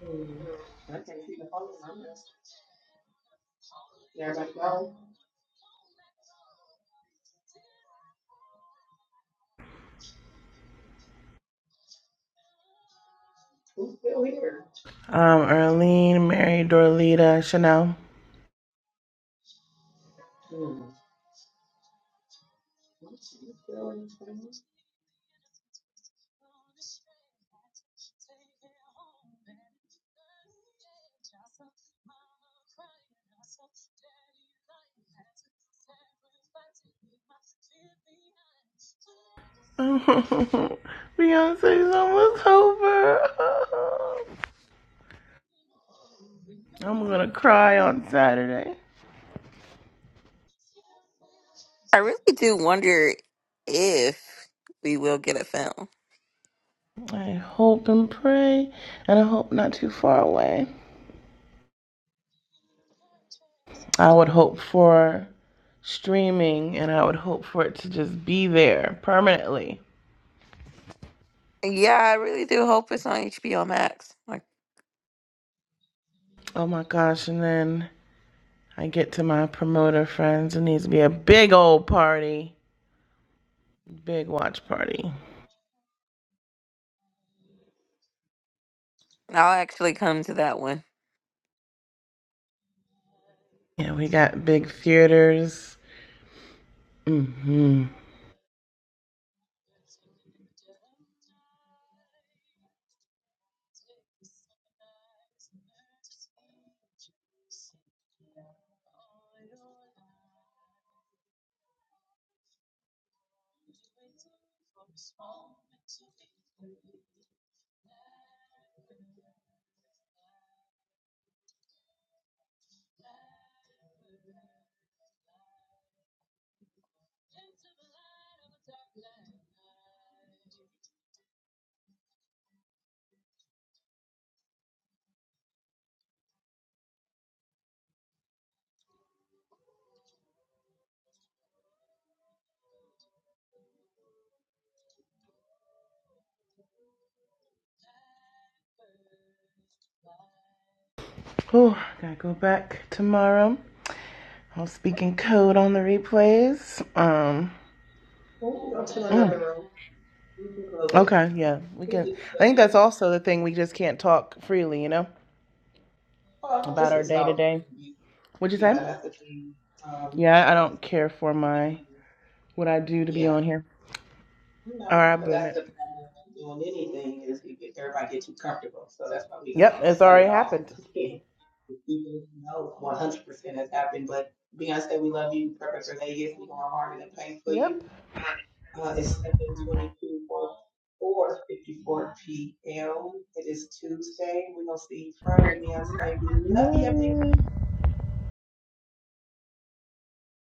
S1: Hmm. I can't see the phone in my Yeah, I'm like, well, who's still here?
S8: Um, Erlene, Mary, Dorlita, Chanel.
S1: Hmm. Who's still in this thing?
S8: Beyonce's almost over. I'm gonna cry on Saturday.
S9: I really do wonder if we will get a film.
S8: I hope and pray, and I hope not too far away. I would hope for streaming, and I would hope for it to just be there permanently.
S9: Yeah, I really do hope it's on HBO Max. Like,
S8: Oh my gosh, and then I get to my promoter friends. It needs to be a big old party, big watch party.
S9: I'll actually come to that one.
S8: Yeah, we got big theaters. Mm-hmm. Oh, gotta go back tomorrow. I'm speaking code on the replays. Um.
S1: We'll go to another
S8: mm,
S1: room. We can close it.
S8: Okay. Yeah, we
S1: Who did
S8: can.
S1: you
S8: I
S1: put
S8: think that's
S1: here?
S8: also the thing we just can't talk freely. You know,
S1: Oh,
S8: about
S1: just
S8: our
S1: this
S8: day to
S1: dog.
S8: day. What'd you
S1: Yeah,
S8: say?
S1: that's the thing. Um,
S8: Yeah, I don't care for my what I do to be
S1: yeah.
S8: on here.
S1: No,
S8: All right,
S1: but
S8: boom
S1: that's
S8: it.
S1: the problem with doing anything is it get, everybody get too comfortable. So that's why we're gonna
S8: Yep, it's
S1: cut it
S8: already
S1: off.
S8: happened.
S1: Even though one hundred percent has happened, but Beyonce, we love you. Purpose Vegas, we're going harder than pain for
S8: Yep.
S1: you. Uh, it's seven twenty two for four fifty four p.m. It is Tuesday. We're gonna see you Friday, Beyonce. We love you, big
S8: Bye.